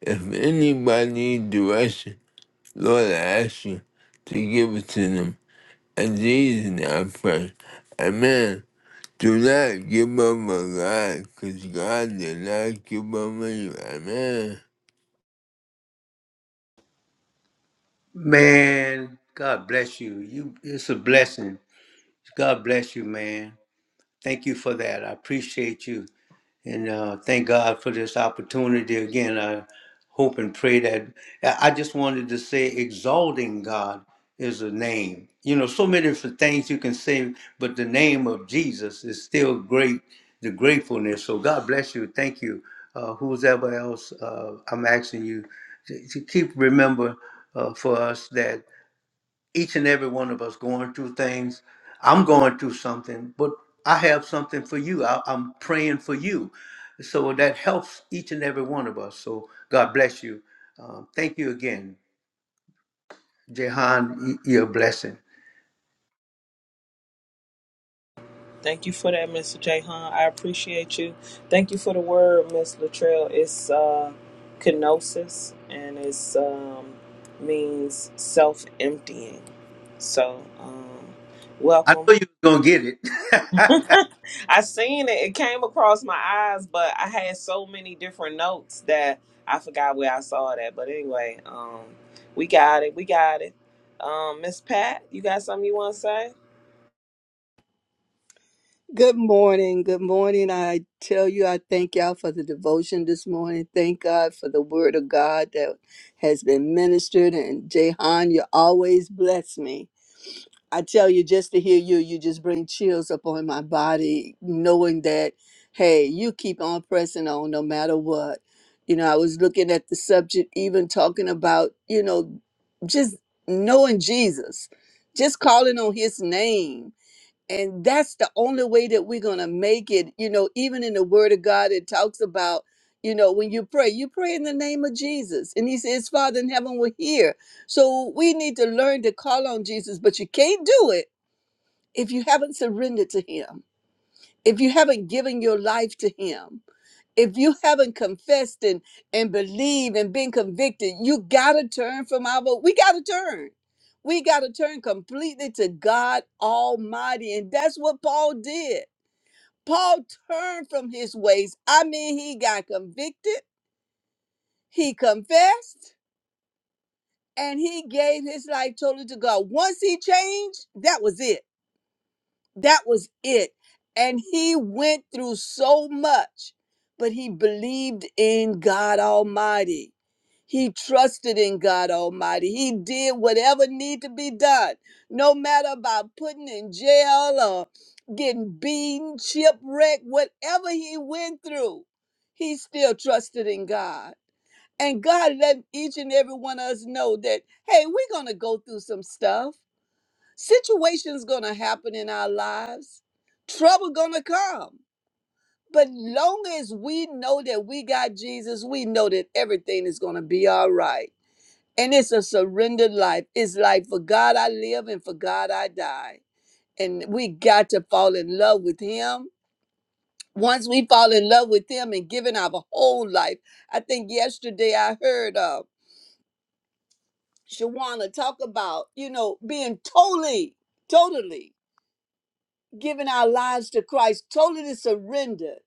If anybody needs direction, Lord, I ask you to give it to them. And Jesus, name I pray. Amen. Do not give up on God, because God did not give up on you. Amen. Man, God bless you. You it's a blessing. God bless you, man. Thank you for that. I appreciate you. And uh, thank God for this opportunity again. I hope and pray that I I just wanted to say exalting God is a name. You know, so many different things you can say, but the name of Jesus is still great, the gratefulness. So God bless you. Thank you. Uh, who's ever else, uh, I'm asking you to, to keep remember uh, for us that each and every one of us going through things. I'm going through something, but I have something for you. I, I'm praying for you. So that helps each and every one of us. So God bless you. Um, thank you again, Jehan. y- You're a blessing. Thank you for that, Mr. Jahan. I appreciate you. Thank you for the word, Miss Latrell. It's uh, kenosis, and it's um, means self-emptying. So, um, I welcome. know you're going to get it. I seen it. It came across my eyes, but I had so many different notes that I forgot where I saw it at. But anyway, um, we got it. We got it. Um, Miss Pat, you got something you want to say? Good morning. Good morning. I tell you, I thank y'all for the devotion this morning. Thank God for the word of God that has been ministered. And Jehan, you always bless me. I tell you, just to hear you, you just bring chills upon my body, knowing that, hey, you keep on pressing on no matter what. You know, I was looking at the subject, even talking about, you know, just knowing Jesus, just calling on his name and that's the only way that we're going to make it you know even in the word of god it talks about you know when you pray you pray in the name of jesus and he says father in heaven we're here so we need to learn to call on jesus but you can't do it if you haven't surrendered to him if you haven't given your life to him if you haven't confessed and, and believed and been convicted, you gotta turn from our vote. we gotta turn. We gotta turn completely to God Almighty. And that's what Paul did. Paul turned from his ways. I mean, he got convicted, he confessed, and he gave his life totally to God. Once he changed, that was it. That was it. And he went through so much, but he believed in God Almighty He trusted in God Almighty. He did whatever need to be done, no matter about putting in jail or getting beaten, shipwrecked, whatever he went through, he still trusted in God. And God let each and every one of us know that, hey, we're going to go through some stuff. Situations going to happen in our lives. Trouble going to come. But long as we know that we got Jesus, we know that everything is going to be all right. And it's a surrendered life. It's like for God I live and for God I die. And we got to fall in love with Him. Once we fall in love with Him and giving our whole life, I think yesterday I heard uh, Shawana talk about, you know, being totally, totally giving our lives to Christ, totally surrendered.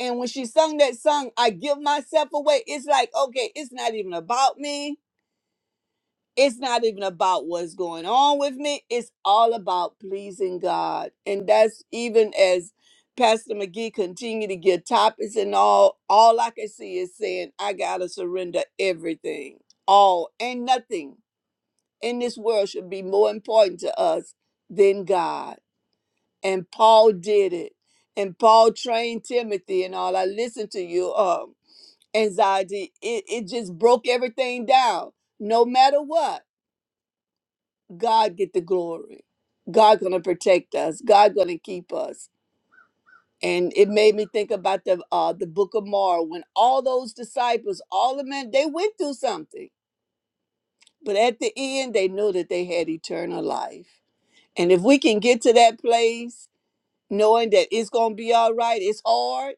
And when she sung that song, I give myself away, it's like, okay, it's not even about me it's not even about what's going on with me. It's all about pleasing God. And that's even as Pastor McGee continue to get topics and all, all I can see is saying, I gotta surrender everything. All and nothing in this world should be more important to us than God. And Paul did it. And Paul trained Timothy and all. I listened to you, um, anxiety. It, it just broke everything down. No matter what. God get the glory. God gonna protect us. God gonna keep us. And it made me think about the uh, the book of Mark when all those disciples, all the men, they went through something, but at the end they knew that they had eternal life. And if we can get to that place, knowing that it's gonna be all right, it's hard,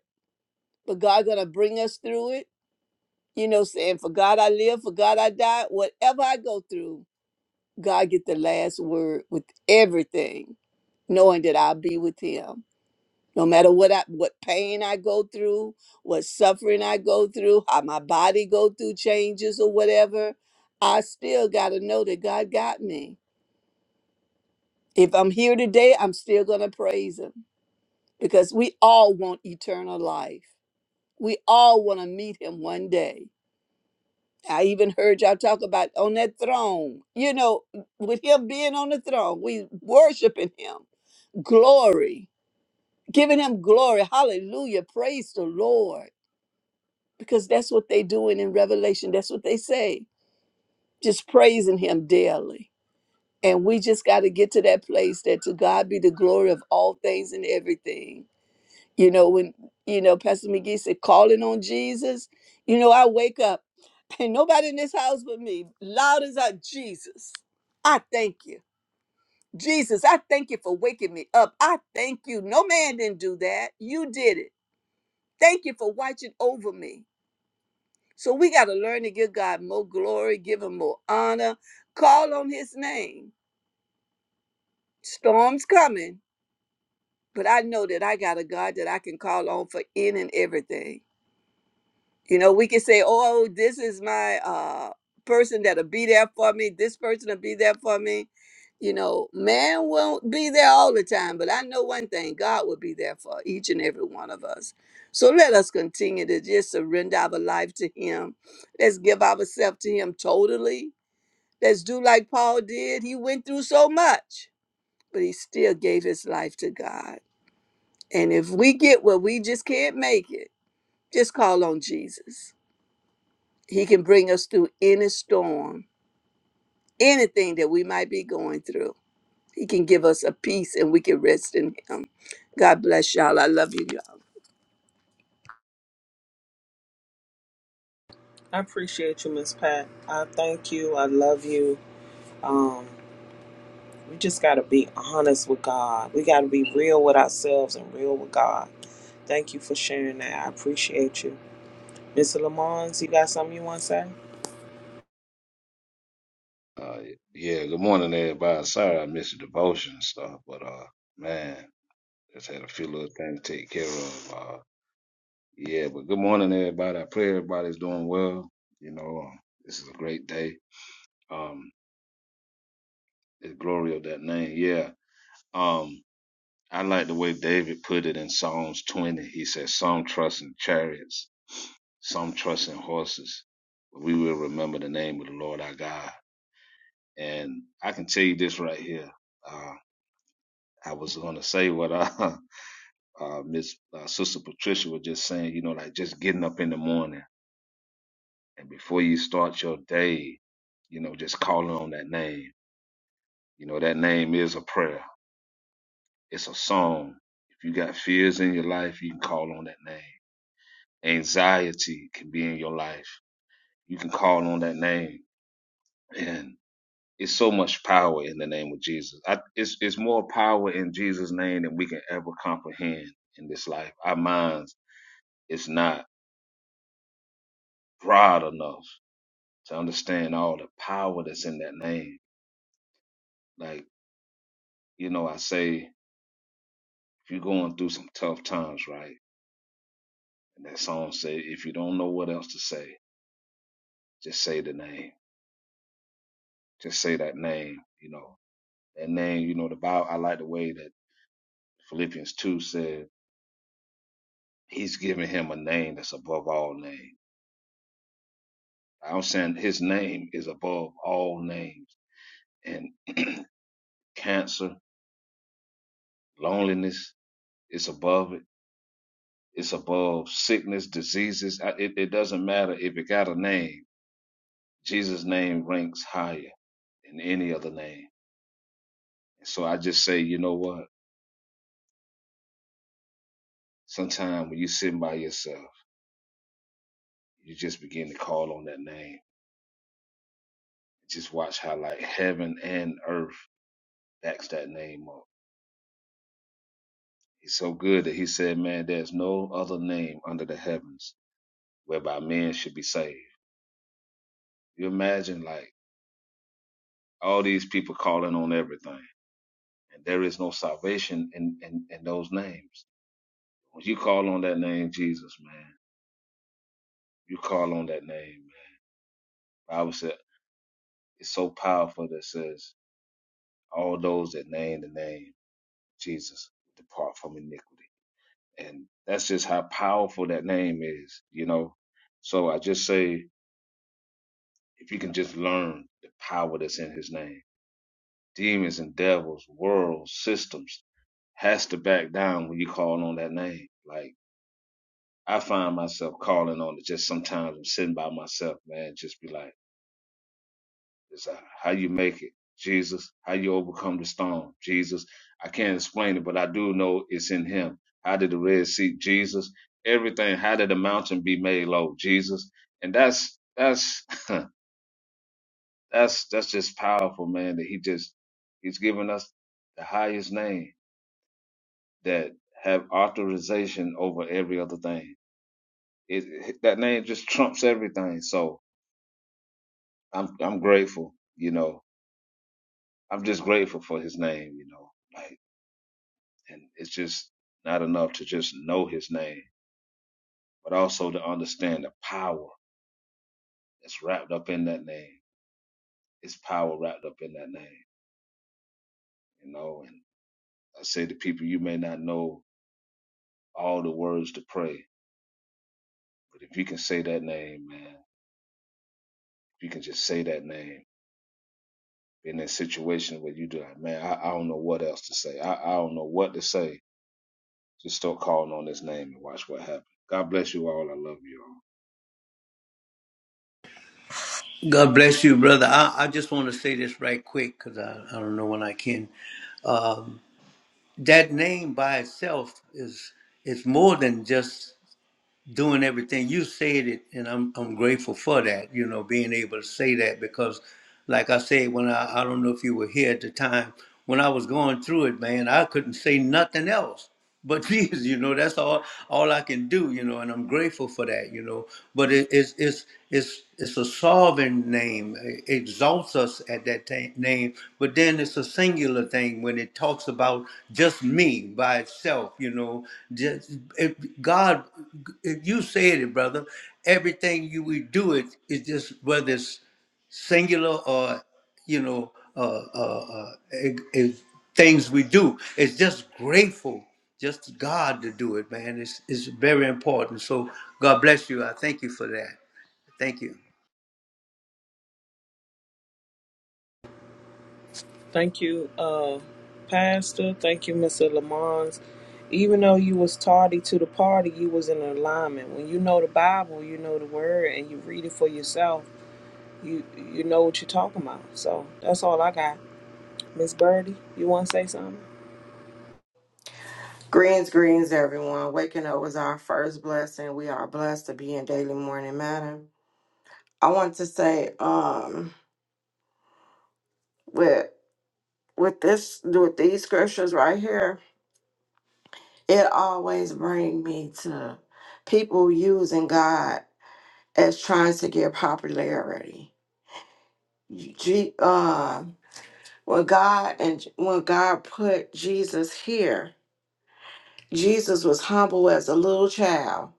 but God gonna bring us through it. You know, saying for God I live, for God I die. Whatever I go through, God get the last word with everything, knowing that I'll be with Him. No matter what I, what pain I go through, what suffering I go through, how my body go through changes or whatever, I still gotta know that God got me. If I'm here today, I'm still gonna praise Him because we all want eternal life. We all want to meet Him one day. I even heard y'all talk about on that throne. You know, with Him being on the throne, we worshiping Him glory, giving him glory. Hallelujah. Praise the Lord. Because that's what they doing in Revelation. That's what they say. Just praising him daily. And we just got to get to that place that to God be the glory of all things and everything. You know, when, you know, Pastor McGee said, calling on Jesus, you know, I wake up and nobody in this house but me, loud as I, Jesus, I thank you. Jesus, I thank you for waking me up. I thank you. No man didn't do that. You did it. Thank you for watching over me. So we got to learn to give God more glory, give him more honor, call on his name. Storms coming, but I know that I got a God that I can call on for in and everything. You know, we can say, oh, this is my uh, person that'll be there for me. This person will be there for me. You know, man won't be there all the time, but I know one thing God will be there for each and every one of us. So let us continue to just surrender our life to Him. Let's give ourselves to Him totally. Let's do like Paul did. He went through so much, but he still gave his life to God. And if we get where we just can't make it, just call on Jesus he can bring us through any storm, anything that we might be going through. He can give us a peace and we can rest in Him. God bless y'all. I love you, y'all. I appreciate you, Miss Pat. I thank you. I love you. Um, We just got to be honest with God. We got to be real with ourselves and real with God. Thank you for sharing that. I appreciate you. Mr. Lamons, you got something you want to say? Uh, yeah, good morning, everybody. Sorry I missed the devotion and stuff, but uh, man, just had a few little things to take care of. Uh, yeah, but good morning, everybody. I pray everybody's doing well. You know, um, this is a great day. Um, the glory of that name. Yeah. Um, I like the way David put it in Psalms 20. He says, "Some trust in chariots, some trust in horses, but we will remember the name of the Lord our God." And I can tell you this right here. Uh, I was gonna say what I uh, Miss uh, Sister Patricia was just saying, you know, like just getting up in the morning and before you start your day, you know, just calling on that name. You know, that name is a prayer. It's a song. If you got fears in your life, you can call on that name. Anxiety can be in your life. You can call on that name, and it's so much power in the name of Jesus. I, it's it's more power in Jesus' name than we can ever comprehend in this life. Our minds is not broad enough to understand all the power that's in that name. Like, you know, I say, if you're going through some tough times, right? And that song say, if you don't know what else to say, just say the name. Just say that name, you know. That name, you know, the Bible, I like the way that Philippians 2 said, he's giving him a name that's above all names. I'm saying his name is above all names. And cancer, loneliness, it's above it It's above sickness, diseases. I- It, it doesn't matter if it got a name. Jesus' name ranks higher than any other name. So I just say, you know what? Sometime when you sitting by yourself, you just begin to call on that name. Just watch how like heaven and earth backs that name up. He's so good that he said, man, there's no other name under the heavens whereby men should be saved. You imagine like all these people calling on everything and there is no salvation in, in, in those names. When you call on that name, Jesus, man, you call on that name, man. The Bible said it's so powerful that it says all those that name the name Jesus depart from iniquity. And that's just how powerful that name is, you know. So I just say if you can just learn the power that's in his name. Demons and devils, worlds, systems has to back down when you call on that name. Like I find myself calling on it just sometimes I'm sitting by myself, man, just be like It's uh, how you make it, Jesus. How you overcome the storm, Jesus. I can't explain it, but I do know it's in Him. How did the Red Sea, Jesus? Everything. How did the mountain be made low, Jesus? And that's that's that's that's just powerful, man. That He just He's given us the highest name that have authorization over every other thing. It, it- that name just trumps everything. So I'm I'm grateful. You know, I'm just grateful for His name. You know. Like, and it's just not enough to just know his name, but also to understand the power that's wrapped up in that name. It's power wrapped up in that name, you know. And I say to people, you may not know all the words to pray, but if you can say that name, man, if you can just say that name in that situation where you do like, man, I, I don't know what else to say. I, I don't know what to say. Just start calling on his name and watch what happens. God bless you all. I love you all. God bless you, brother. I, I just want to say this right quick because I, I don't know when I can. Um, that name by itself is, is more than just doing everything. You said it, and I'm I'm grateful for that. You know, being able to say that because, like I said, when I I don't know if you were here at the time when I was going through it, man, I couldn't say nothing else. But Jesus, you know, that's all all I can do, you know, and I'm grateful for that, you know. But it, it's it's it's it's a sovereign name. It exalts us at that ta- name, but then it's a singular particular thing when it talks about just me by itself, you know, just if God, if you said it, brother, everything you we do it is just whether it's singular or you know uh, uh, uh, eh, eh, things we do. It's just grateful, just to God to do it, man. It's it's very important. So God bless you. I thank you for that. Thank you. Thank you, uh, Pastor. Thank you, Mr. Lamons. Even though you was tardy to the party, you was in alignment. When you know the Bible, you know the Word, and you read it for yourself, you you know what you're talking about. So that's all I got. Miss Birdie, you want to say something? Greens, greens, everyone. Waking up was our first blessing. We are blessed to be in daily morning matter. I want to say, um, with with this with these scriptures right here, it always bring me to people using God as trying to get popularity. G, uh, when God and when God put Jesus here, Jesus was humble as a little child.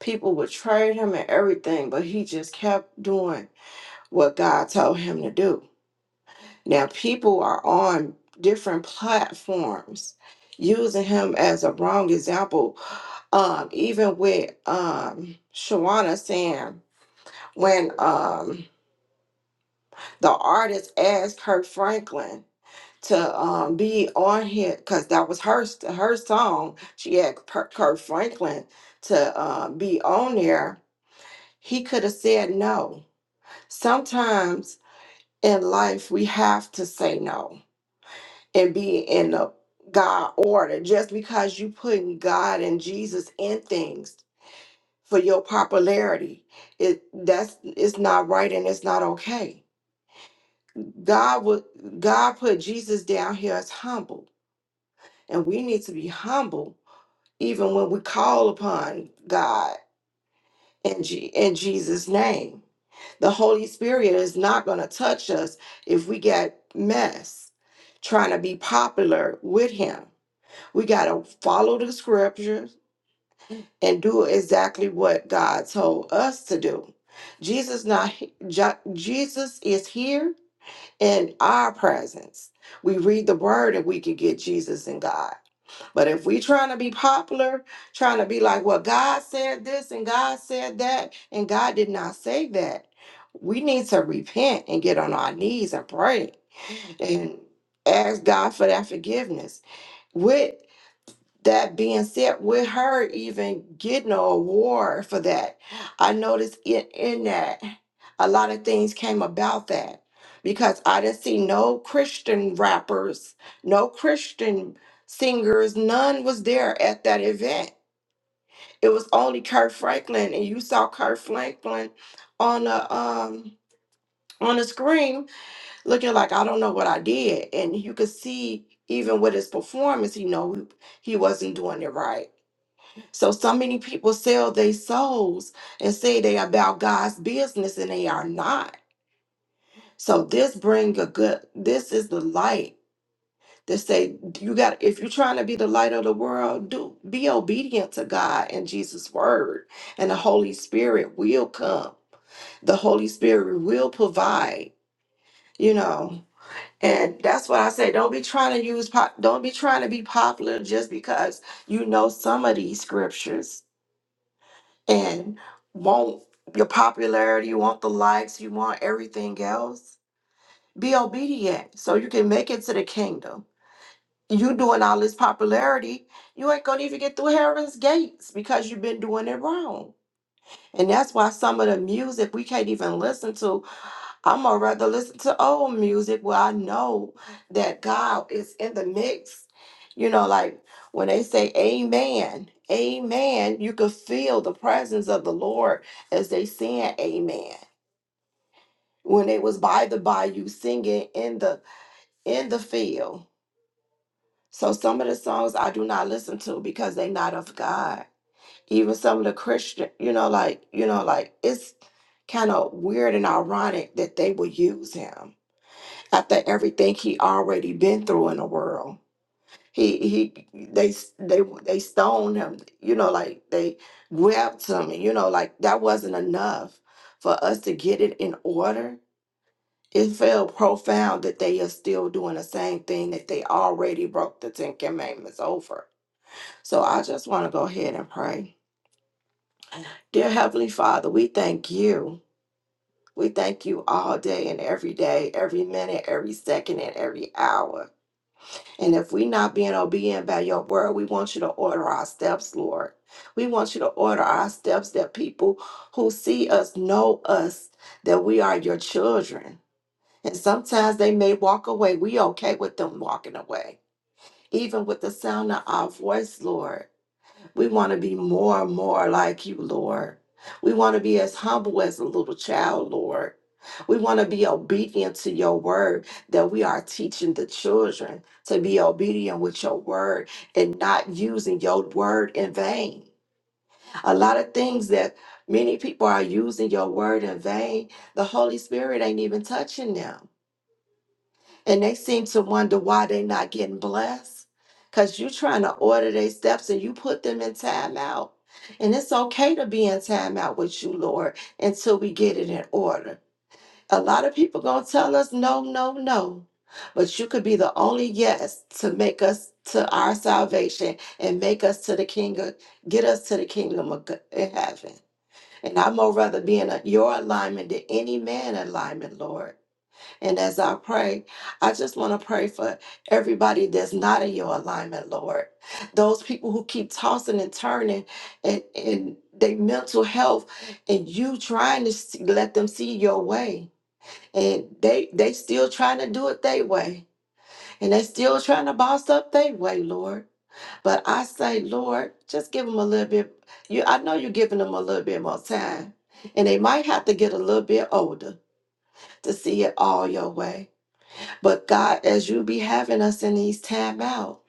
People betrayed him and everything, but he just kept doing what God told him to do. Now, people are on different platforms using him as a wrong example. Um, even with um, Shawana saying, when um, the artist asked Kirk Franklin, to um, be on here because that was her st- her song. She asked Per- Kurt Franklin to uh, be on there. He could have said no. Sometimes in life we have to say no and be in the God order. Just because you putting God and Jesus in things for your popularity, it that's it's not right and it's not okay. God would God put Jesus down here as humble, and we need to be humble even when we call upon God in, G- in Jesus' name. The Holy Spirit is not going to touch us if we get mess trying to be popular with Him. We got to follow the scriptures and do exactly what God told us to do. Jesus not he- Jo- Jesus is here in our presence. We read the word and we can get Jesus and God. But if we trying to be popular, trying to be like, well, God said this and God said that, and God did not say that, we need to repent and get on our knees and pray and ask God for that forgiveness. With that being said, with her even getting an award for that, I noticed in, in that a lot of things came about that because I didn't see no Christian rappers, no Christian singers, none was there at that event. It was only Kurt Franklin, and you saw Kurt Franklin on the um on the screen looking like I don't know what I did, and you could see even with his performance, he know he wasn't doing it right so, so many people sell their souls and say they about God's business and they are not. So this bring a good, this is the light that say you got, if you're trying to be the light of the world, do be obedient to God and Jesus' word and the Holy Spirit will come. The Holy Spirit will provide, you know. And that's what I say. Don't be trying to use pop, don't be trying to be popular just because you know some of these scriptures and want your popularity, you want the likes, you want everything else, be obedient so you can make it to the kingdom. You doing all this popularity, you ain't gonna even get through heaven's gates because you've been doing it wrong. And that's why some of the music we can't even listen to I'm gonna rather listen to old music where I know that God is in the mix. You know, like when they say amen, amen, you could feel the presence of the Lord as they sing amen. When they was by the bayou singing in the in the field. So some of the songs I do not listen to because they not of God. Even some of the Christian, you know, like, you know, like it's kind of weird and ironic that they will use him after everything he already been through in the world. He he they they they stoned him, you know, like they whipped him, you know, like that wasn't enough for us to get it in order. It felt profound that they are still doing the same thing that they already broke the Ten Commandments over. So I just want to go ahead and pray. Dear Heavenly Father, we thank you. We thank you all day and every day, every minute, every second, and every hour. And if we not being obedient by your word, we want you to order our steps, Lord. We want you to order our steps that people who see us know us, that we are your children. And sometimes they may walk away. We okay with them walking away. Even with the sound of our voice, Lord. We want to be more and more like you, Lord. We want to be as humble as a little child, Lord. We want to be obedient to your word that we are teaching the children to be obedient with your word and not using your word in vain. A lot of things that many people are using your word in vain, the Holy Spirit ain't even touching them and they seem to wonder why they're not getting blessed because you're trying to order their steps and you put them in timeout. And it's okay to be in timeout with you, Lord, until we get it in order. A lot of people gonna tell us no, no, no, but you could be the only yes to make us to our salvation and make us to the kingdom, get us to the kingdom of g- in heaven. And I'm more rather be in a, your alignment than any man alignment, Lord. And as I pray, I just want to pray for everybody that's not in your alignment, Lord. Those people who keep tossing and turning and, and their mental health, and you trying to see, let them see your way. And they they still trying to do it their way. And they still trying to boss up their way, Lord. But I say, Lord, just give them a little bit. You I know you're giving them a little bit more time. And they might have to get a little bit older to see it all your way. But God, as you be having us in these time out,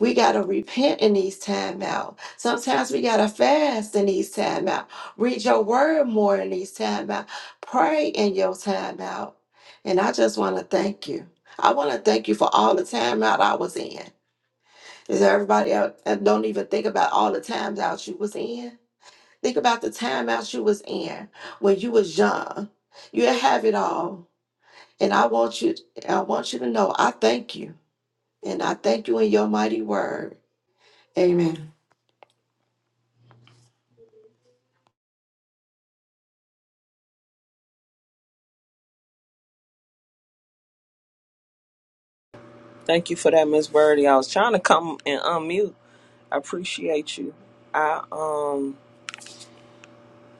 we gotta repent in these time out. Sometimes we gotta fast in these time out. Read your word more in these time out. Pray in your time out. And I just wanna thank you. I wanna thank you for all the time out I was in. Is there everybody out and don't even think about all the times out you was in? Think about the time out you was in when you was young. You didn't have it all. And I want you I want you to know I thank you. And I thank you in your mighty word. Amen. Thank you for that, Miss Birdie. I was trying to come and unmute. I appreciate you. I um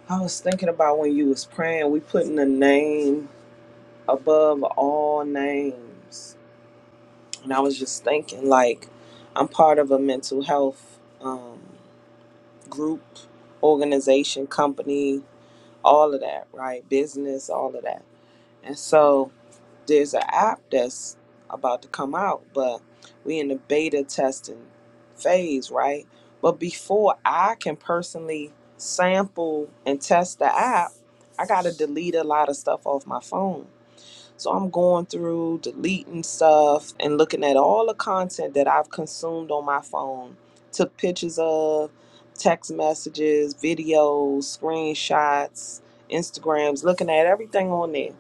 I was thinking about when you was praying, we putting a name above all names. And I was just thinking like I'm part of a mental health um group, organization, company, all of that, right? Business, all of that. And so there's an app that's about to come out, but we in the beta testing phase, right? But before I can personally sample and test the app, I gotta delete a lot of stuff off my phone so I'm going through deleting stuff and looking at all the content that I've consumed on my phone. Took pictures of, text messages, videos, screenshots, Instagrams, looking at everything on there.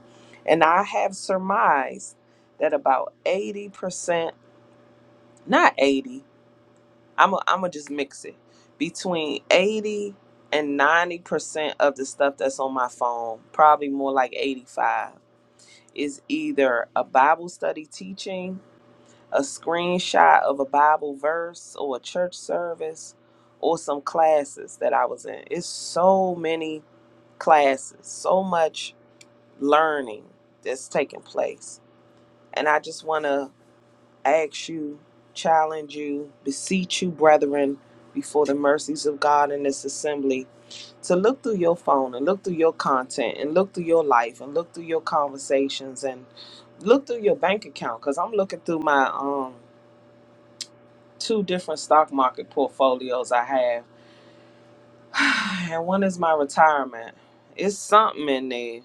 And I have surmised that about 80%, not 80, I'm going I'm to just mix it, between 80 and 90% of the stuff that's on my phone, probably more like 85 is either a Bible study teaching, a screenshot of a Bible verse or a church service, or some classes that I was in. It's so many classes, so much learning that's taking place. And I just want to ask you, challenge you, beseech you, brethren, before the mercies of God in this assembly to look through your phone and look through your content and look through your life and look through your conversations and look through your bank account because i'm looking through my um two different stock market portfolios i have and one is my retirement it's something in there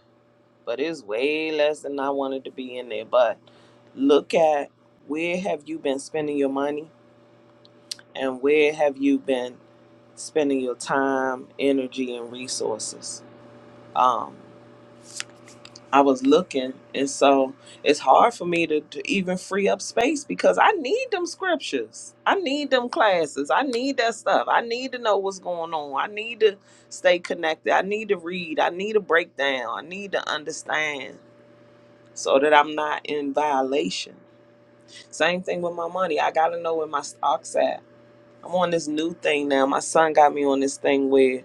but it's way less than i wanted to be in there but look at where have you been spending your money and where have you been spending your time energy and resources Um, I was looking, and so it's hard for me to, to even free up space because I need them scriptures. I need them classes. I need that stuff. I need to know what's going on. I need to stay connected. I need to read. I need to break down. I need to understand so that I'm not in violation. Same thing with my money. I got to know where my stock's at. I'm on this new thing now. My son got me on this thing where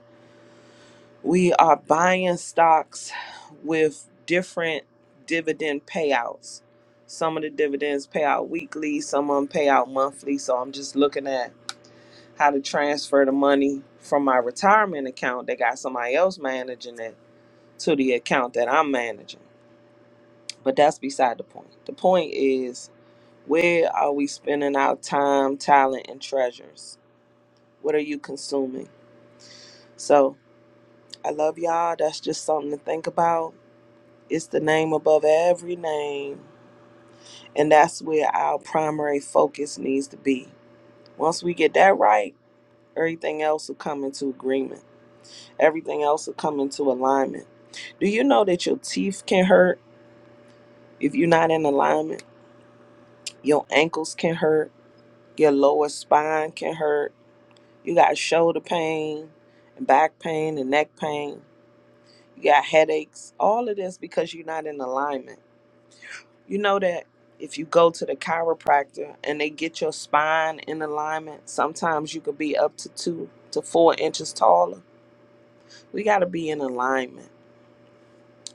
we are buying stocks with different dividend payouts. Some of the dividends pay out weekly, some of them pay out monthly. So I'm just looking at how to transfer the money from my retirement account that got somebody else managing it to the account that I'm managing. But that's beside the point. The point is where are we spending our time, talent, and treasures? What are you consuming? So I love y'all. That's just something to think about It's the name above every name. And that's where our primary focus needs to be. Once we get that right, everything else will come into agreement. Everything else will come into alignment. Do you know that your teeth can hurt if you're not in alignment? Your ankles can hurt. Your lower spine can hurt. You got shoulder pain and back pain and neck pain. You got headaches. All of this because you're not in alignment. You know that if you go to the chiropractor and they get your spine in alignment, sometimes you could be up to two to four inches taller. We got to be in alignment.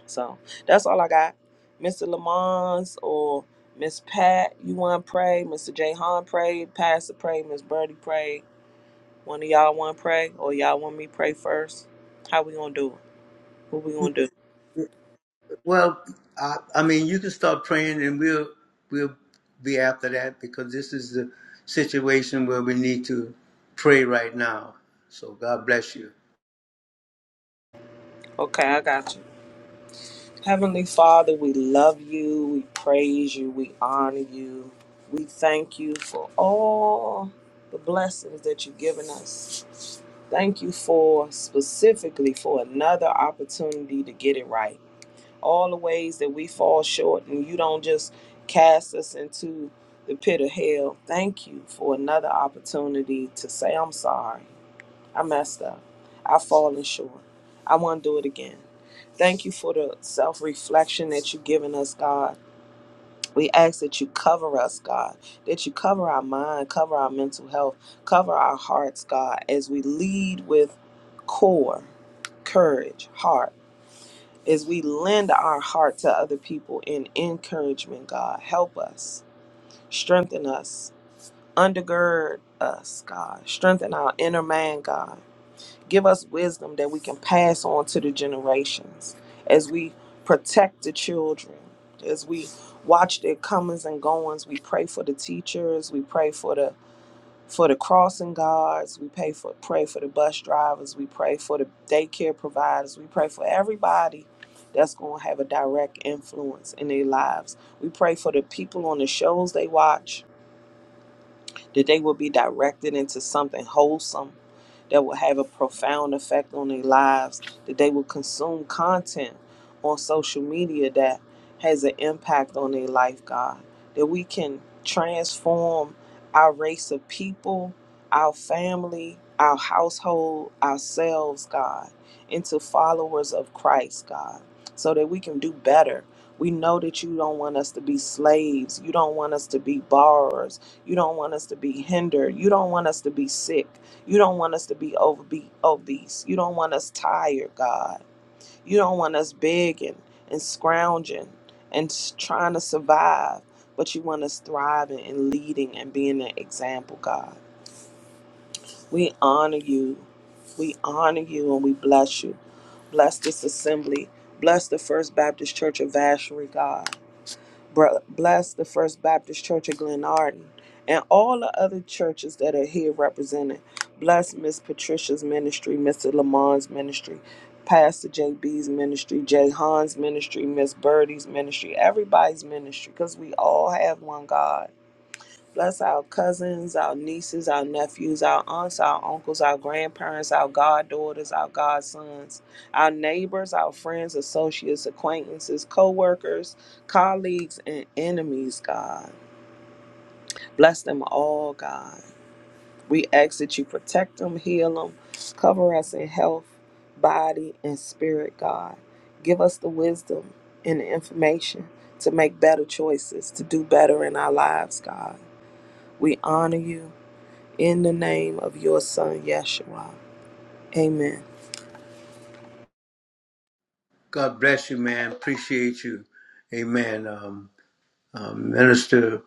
So that's all I got. Mr. Lamons or Miss Pat, you want to pray? Mr. J. Hahn pray. Pastor pray. Miss Birdie pray. One of y'all want to pray or y'all want me to pray first? How we going to do it? What we going to do? Well, I, I mean, you can start praying, and we'll we'll be after that because this is the situation where we need to pray right now. So God bless you. Okay, I got you. Heavenly Father, we love you, we praise you, we honor you. We thank you for all the blessings that you've given us. Thank you for specifically for another opportunity to get it right. All the ways that we fall short and you don't just cast us into the pit of hell. Thank you for another opportunity to say, I'm sorry. I messed up. I've fallen short. I want to do it again. Thank you for the self reflection that you've given us, God. We ask that you cover us, God, that you cover our mind, cover our mental health, cover our hearts, God, as we lead with core, courage, heart, as we lend our heart to other people in encouragement, God. Help us, strengthen us, undergird us, God. Strengthen our inner man, God. Give us wisdom that we can pass on to the generations as we protect the children, as we watch their comings and goings. We pray for the teachers, we pray for the for the crossing guards, we pray for pray for the bus drivers, we pray for the daycare providers, we pray for everybody that's going to have a direct influence in their lives. We pray for the people on the shows they watch that they will be directed into something wholesome that will have a profound effect on their lives, that they will consume content on social media that has an impact on their life, God, that we can transform our race of people, our family, our household, ourselves, God, into followers of Christ, God, so that we can do better. We know that you don't want us to be slaves. You don't want us to be borrowers. You don't want us to be hindered. You don't want us to be sick. You don't want us to be obe- obese. You don't want us tired, God. You don't want us begging and scrounging and s- trying to survive, but you want us thriving and leading and being an example, God. We honor you. We honor you and we bless you. Bless this assembly. Bless the First Baptist Church of Vacherie, God. Br- Bless the First Baptist Church of Glen Arden and all the other churches that are here represented. Bless Miss Patricia's ministry, Mr. Lamont's ministry, Pastor J B's ministry, Jay Hahn's ministry, Miss Birdie's ministry, everybody's ministry, because we all have one God. Bless our cousins, our nieces, our nephews, our aunts, our uncles, our grandparents, our goddaughters, our godsons, our neighbors, our friends, associates, acquaintances, co workers, colleagues, and enemies, God. Bless them all, God. We ask that you protect them, heal them, cover us in health, body, and spirit, God. Give us the wisdom and the information to make better choices, to do better in our lives, God. We honor you in the name of your son Yeshua. Amen. God bless you, man. Appreciate you. Amen. Um, um, Minister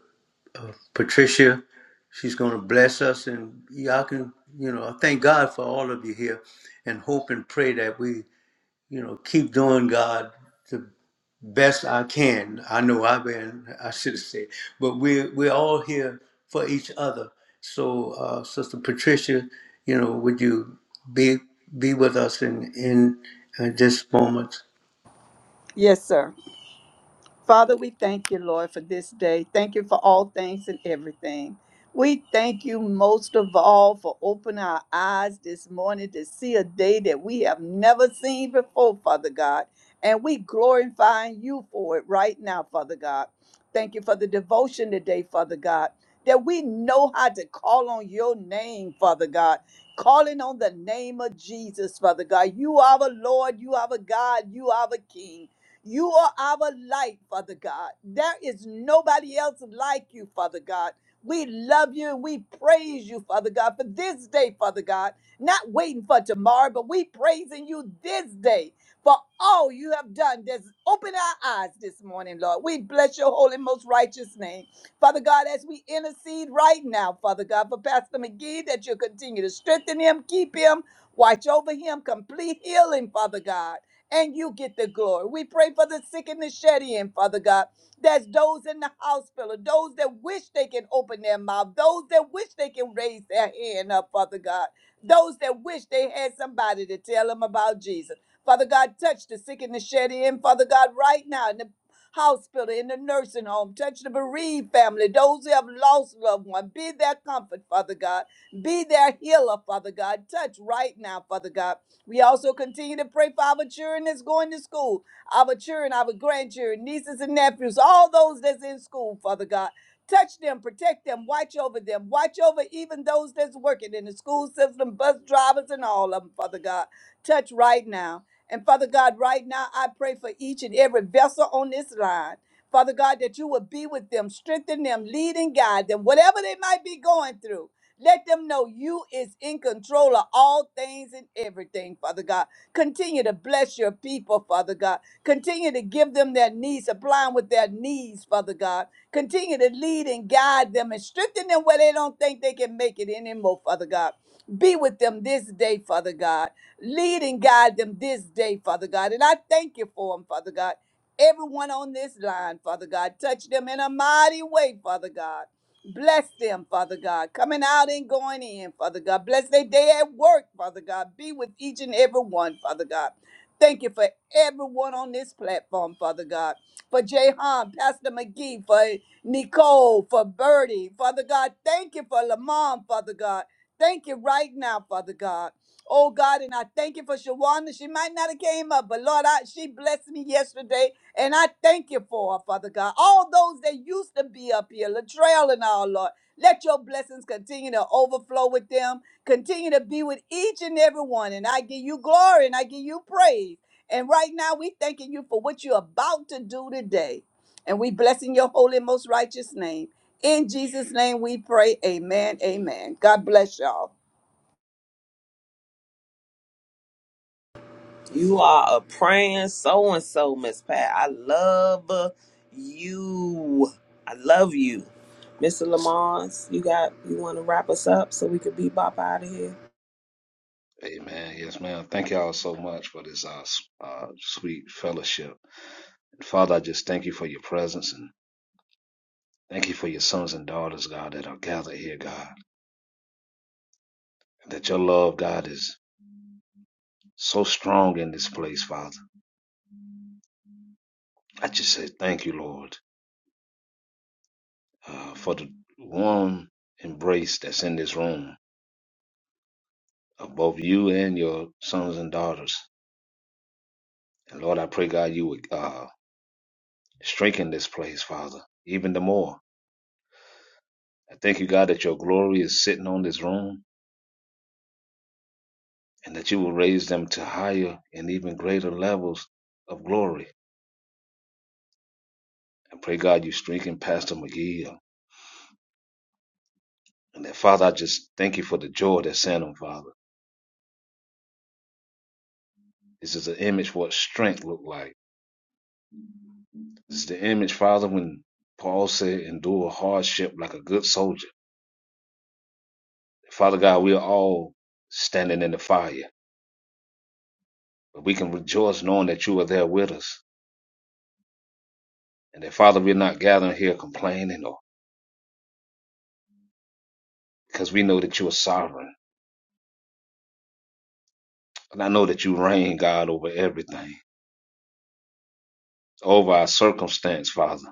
uh, Patricia, she's going to bless us, and y'all can, you know, I thank God for all of you here, and hope and pray that we, you know, keep doing God the best I can. I know I've been, I should have said, but we're, we're all here for each other. So, uh, Sister Patricia, you know, would you be be with us in in, in this moment? Yes, sir. Father, we thank you, Lord, for this day. Thank you for all things and everything. We thank you most of all for opening our eyes this morning to see a day that we have never seen before, Father God. And we glorifying you for it right now, Father God. Thank you for the devotion today, Father God, that we know how to call on your name, Father God. Calling on the name of Jesus, Father God. You are the Lord, you are the God, you are the King. You are our light, Father God. There is nobody else like you, Father God. We love you and we praise you, Father God, for this day, Father God. Not waiting for tomorrow, but we praising you this day for all you have done. Just open our eyes this morning, Lord. We bless your holy, most righteous name. Father God, as we intercede right now, Father God, for Pastor McGee, that you'll continue to strengthen him, keep him, watch over him, complete healing, Father God and you get the glory. We pray for the sick and the shed in, Father God. That's those in the hospital, those that wish they can open their mouth, those that wish they can raise their hand up, Father God. Those that wish they had somebody to tell them about Jesus. Father God, touch the sick and the shed in, Father God, right now in the hospital, in the nursing home. Touch the bereaved family, those who have lost loved one. Be their comfort, Father God. Be their healer, Father God. Touch right now, Father God. We also continue to pray for our children that's going to school, our children, our grandchildren, nieces and nephews, all those that's in school, Father God. Touch them, protect them, watch over them, watch over even those that's working in the school system, bus drivers, and all of them, Father God. Touch right now. And Father God, right now, I pray for each and every vessel on this line. Father God, that you would be with them, strengthen them, lead and guide them, whatever they might be going through. Let them know you is in control of all things and everything, Father God. Continue to bless your people, Father God. Continue to give them their needs, supplying with their needs, Father God. Continue to lead and guide them and strengthen them where they don't think they can make it anymore, Father God. Be with them this day, Father God. Lead and guide them this day, Father God. And I thank you for them, Father God. Everyone on this line, Father God, touch them in a mighty way, Father God. Bless them, Father God, coming out and going in, Father God. Bless their day at work, Father God. Be with each and every one, Father God. Thank you for everyone on this platform, Father God. For Jahan, Pastor McGee, for Nicole, for Birdie, Father God. Thank you for Lamont, Father God. Thank you right now, Father God. Oh God, and I thank you for Shawana. She might not have came up, but Lord, I, she blessed me yesterday and I thank you for, it, Father God. All those that used to be up here, Latrell and all, Lord, let your blessings continue to overflow with them. Continue to be with each and every one. And I give you glory and I give you praise. And right now, we thanking you for what you're about to do today. And we blessing your holy, most righteous name. In Jesus' name we pray. Amen. Amen. God bless y'all. You are a praying so and so, Miss Pat. I love you. I love you. Mr. Lamons, you got you wanna wrap us up so we could be bop out of here? Amen. Yes, ma'am. Thank y'all so much for this uh, s- uh, sweet fellowship. And Father, I just thank you for your presence and thank you for your sons and daughters, God, that are gathered here, God. That your love, God, is so strong in this place, Father. I just say thank you, Lord, uh, for the warm embrace that's in this room of both you and your sons and daughters. And Lord, I pray, God, you would uh, strengthen this place, Father, even the more. I thank you, God, that your glory is sitting on this room. and that you will raise them to higher and even greater levels of glory. I pray, God, you strengthen Pastor McGee. uh, And that, Father, I just thank you for the joy that's in him, Father. This is an image of what strength looked like. This is the image, Father, when Paul said, endure hardship like a good soldier. Father God, we are all standing in the fire, but we can rejoice knowing that you are there with us. And that, Father, we're not gathering here complaining or because we know that you are sovereign. And I know that you reign, God, over everything. over our circumstance, Father.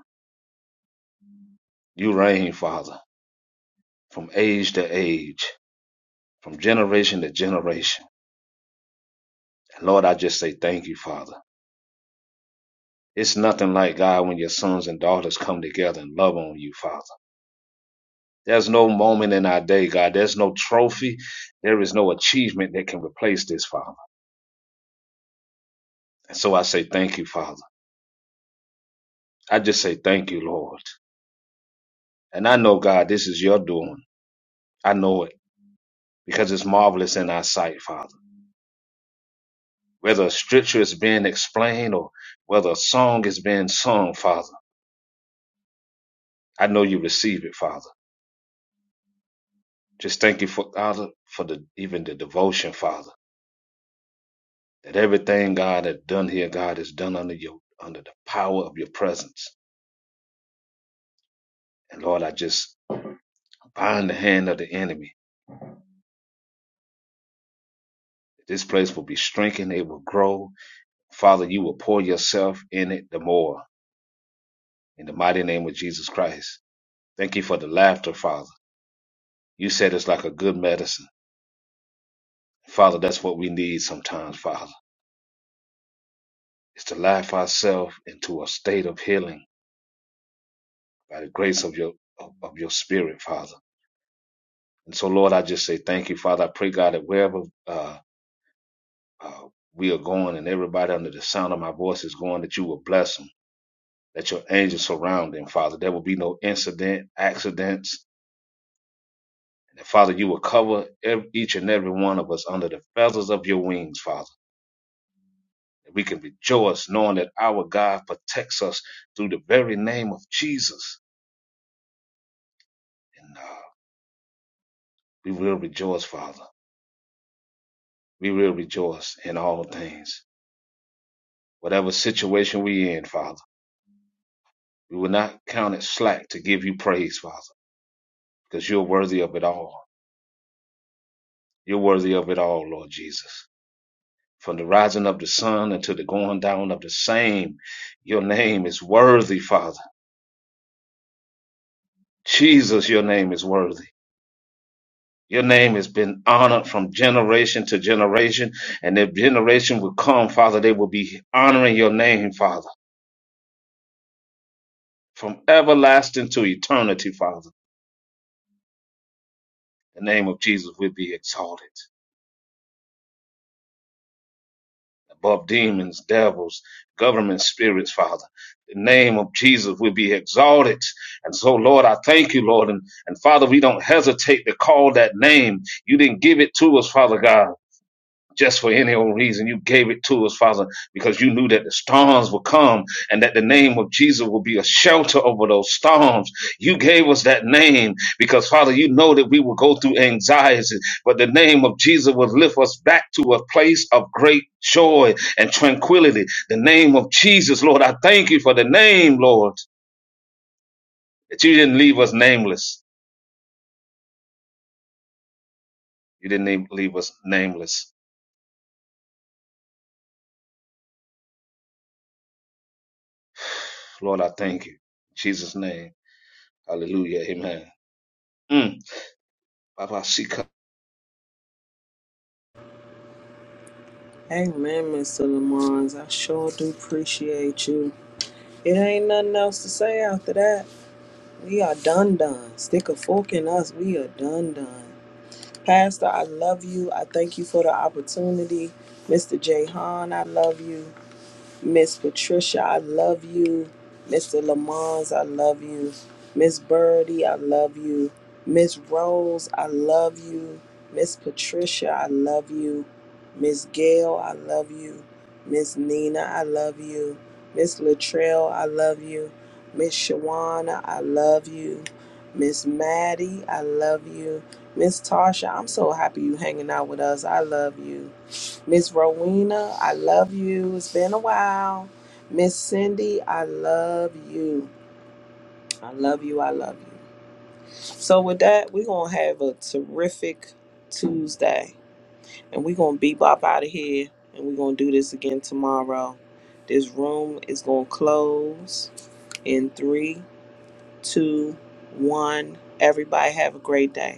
You reign, Father, from age to age, from generation to generation. And Lord, I just say thank you, Father. It's nothing like God when your sons and daughters come together and love on you, Father. There's no moment in our day, God. There's no trophy. There is no achievement that can replace this, Father. And so I say thank you, Father. I just say thank you, Lord. And I know, God, this is your doing. I know it because it's marvelous in our sight, Father. whether a scripture is being explained or whether a song is being sung, Father. I know you receive it, Father. Just thank you, for, Father, for the even the devotion, Father. That everything, God, that done here, God, is done under your under the power of your presence. And Lord, I just bind the hand of the enemy. This place will be strengthened, it will grow. Father, you will pour yourself in it the more. In the mighty name of Jesus Christ. Thank you for the laughter, Father. You said it's like a good medicine. Father, that's what we need sometimes, Father, is to laugh ourselves into a state of healing by the grace of your of, of your spirit, Father. And so, Lord, I just say thank you, Father. I pray, God, that wherever uh, uh, we are going and everybody under the sound of my voice is going, that you will bless them, that your angels surround them, Father. There will be no incident, accidents. And Father, you will cover ev each and every one of us under the feathers of your wings, Father. That we can rejoice knowing that our God protects us through the very name of Jesus. And uh, we will rejoice, Father. We will rejoice in all things. Whatever situation we in, Father, we will not count it slack to give you praise, Father, because you're worthy of it all. You're worthy of it all, Lord Jesus. From the rising of the sun until the going down of the same, your name is worthy, Father. Jesus, your name is worthy. Your name has been honored from generation to generation, and if generation will come, Father, they will be honoring your name, Father. from everlasting to eternity, Father. The name of Jesus will be exalted above demons, devils, government spirits, Father. The name of Jesus will be exalted. And so, Lord, I thank you, Lord. And, and Father, we don't hesitate to call that name. You didn't give it to us, Father God. just for any old reason. You gave it to us, Father, because you knew that the storms would come and that the name of Jesus would be a shelter over those storms. You gave us that name because, Father, you know that we will go through anxiety, but the name of Jesus will lift us back to a place of great joy and tranquility. The name of Jesus, Lord, I thank you for the name, Lord, that you didn't leave us nameless. You didn't leave leave us nameless. Lord, I thank you. In Jesus' name. Hallelujah. Amen. Mm. Baba Sika. Amen, Mr. Lamons. I sure do appreciate you. It ain't nothing else to say after that. We are done done. Stick a fork in us. We are done done. Pastor, I love you. I thank you for the opportunity. Mr. Jehan, I love you. Miss Patricia, I love you. Mr. Lamons, I love you. Miss Birdie, I love you. Miss Rose, I love you. Miss Patricia, I love you. Miss Gail, I love you. Miss Nina, I love you. Miss Latrell, I love you. Miss Shawana, I love you. Miss Maddie, I love you. Miss Tasha, I'm so happy you hanging out with us. I love you. Miss Rowena, I love you. It's been a while. Miss Cindy, I love you. I love you. I love you. So with that, we're gonna have a terrific Tuesday. And we're gonna bebop out of here and we're gonna do this again tomorrow. This room is gonna close in three, two, one. Everybody have a great day.